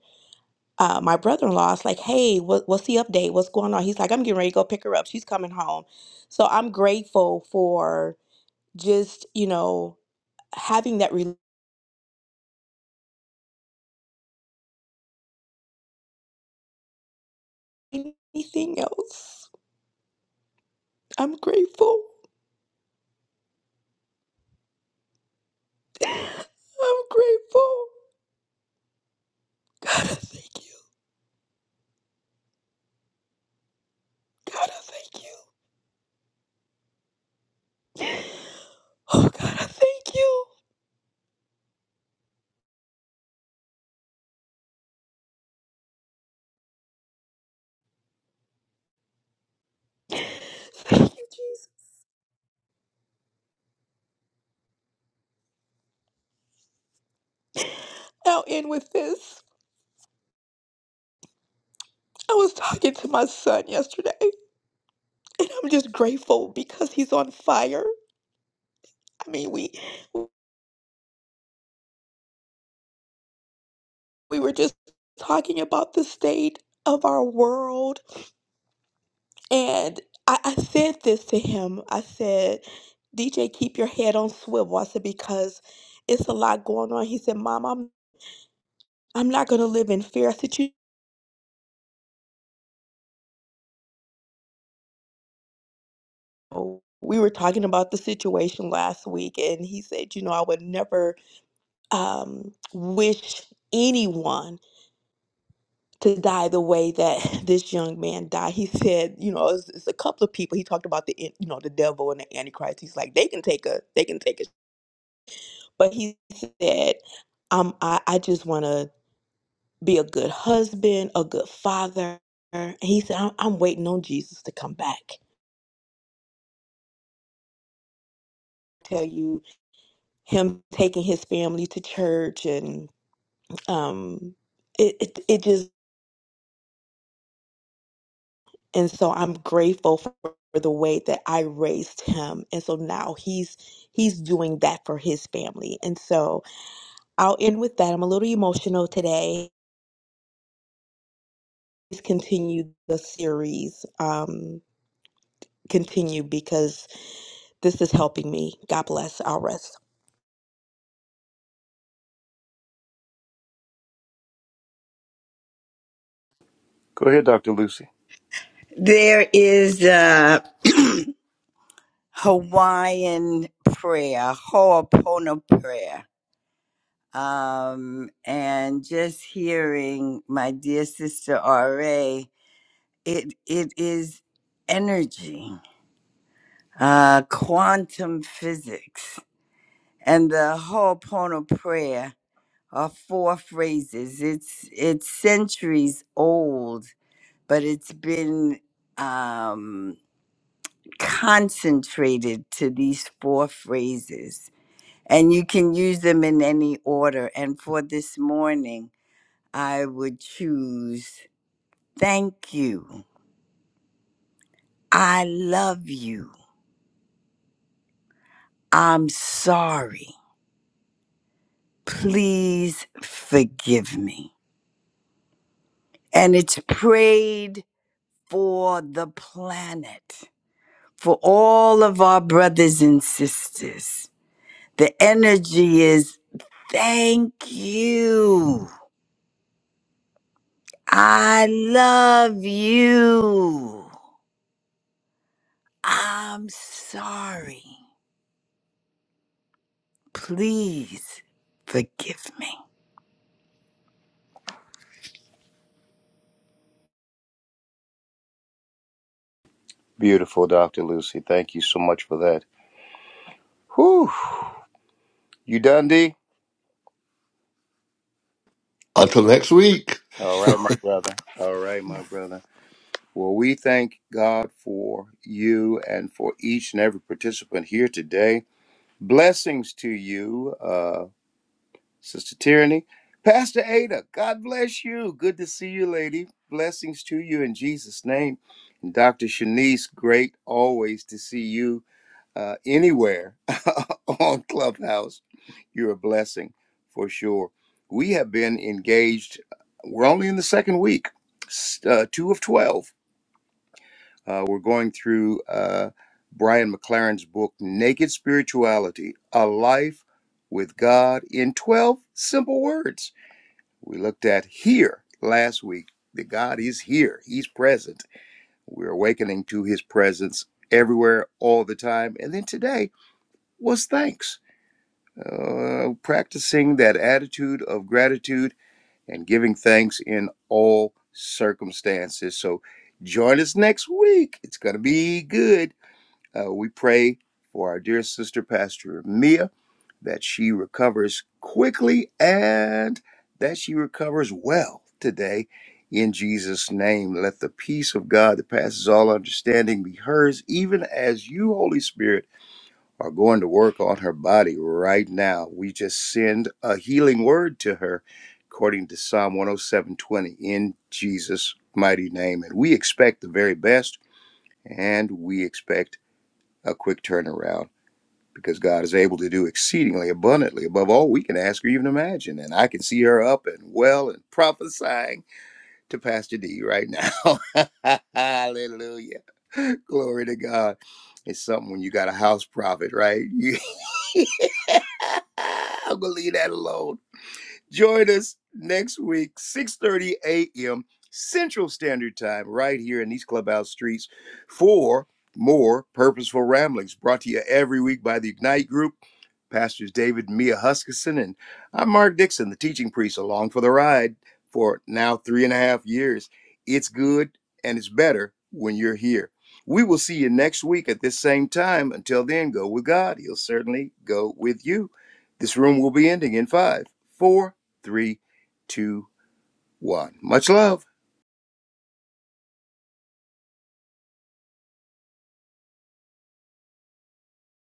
Speaker 7: uh, my brother-in-law, is like, hey, what, what's the update? What's going on? He's like, I'm getting ready to go pick her up. She's coming home. So I'm grateful for just, you know, having that anything else. I'm grateful. I'm grateful. God, I thank you. God, I thank you. Oh, God, I thank you. Thank you, Jesus. I'll end with this. I was talking to my son yesterday, and I'm just grateful because he's on fire. I mean, we we were just talking about the state of our world And I, I said this to him. I said, DJ, keep your head on swivel. I said, because it's a lot going on. He said, Mom, I'm I'm not gonna live in fear. I said, you know, we were talking about the situation last week, and he said, you know, I would never um wish anyone to die the way that this young man died. He said, you know, it's, it's a couple of people. He talked about the, en- you know, the devil and the antichrist. He's like, they can take a, they can take a But he said, um, I, I just want to be a good husband, a good father. And he said, I'm, I'm waiting on Jesus to come back. Tell you him taking his family to church and um, it, it, it just, and so I'm grateful for the way that I raised him. And so now he's, he's doing that for his family. And so I'll end with that. I'm a little emotional today. Please continue the series. Um, continue because This is helping me. God bless. I'll rest.
Speaker 2: Go ahead, Dr. Lucy.
Speaker 6: There is a Hawaiian prayer, Ho'opono prayer. Um, and just hearing my dear sister RA, it it is energy, uh, quantum physics and the Ho'oponopono prayer are four phrases. It's it's centuries old, but it's been um, concentrated to these four phrases, and you can use them in any order. And for this morning, I would choose thank you, I love you, I'm sorry, please forgive me, and it's prayed for the planet, for all of our brothers and sisters. The energy is thank you. I love you. I'm sorry. Please forgive me.
Speaker 2: Beautiful, Dr. Lucy. Thank you so much for that. Whew. You done, D?
Speaker 1: Until next week.
Speaker 2: All right, my brother. All right, my brother. Well, we thank God for you and for each and every participant here today. Blessings to you, uh, Sister Tyranny. Pastor Ada, God bless you. Good to see you, lady. Blessings to you in Jesus' name. And Dr. Shanice, great always to see you uh, anywhere on Clubhouse. You're a blessing for sure. We have been engaged, uh, we're only in the second week, s- uh, two of 12 uh, we're going through uh, Brian McLaren's book, Naked Spirituality A Life with God in 12 Simple Words. We looked at here last week that God is here, He's present. We're awakening to His presence everywhere, all the time. And then today was thanks, uh, practicing that attitude of gratitude and giving thanks in all circumstances. So join us next week. It's going to be good. Uh, we pray for our dear sister, Pastor Mia, that she recovers quickly and that she recovers well today. In Jesus' name, let the peace of God that passes all understanding be hers, even as you, Holy Spirit, are going to work on her body right now. We just send a healing word to her according to Psalm 107:20 in Jesus' mighty name. And we expect the very best and we expect a quick turnaround because God is able to do exceedingly abundantly above all we can ask or even imagine. And I can see her up and well and prophesying to Pastor D right now. Hallelujah. Glory to God. It's something when you got a house prophet, right? You, I'm going to leave that alone. Join us next week, 6:30 a.m. Central Standard Time, right here in these clubhouse streets for more purposeful ramblings brought to you every week by the Ignite Group. Pastors David and Mia Huskisson, and I'm Mark Dixon, the teaching priest, along for the ride for now three and a half years. It's good and it's better when you're here. We will see you next week at this same time. Until then, go with God. He'll certainly go with you. This room will be ending in five, four, Three, two, one. Much love.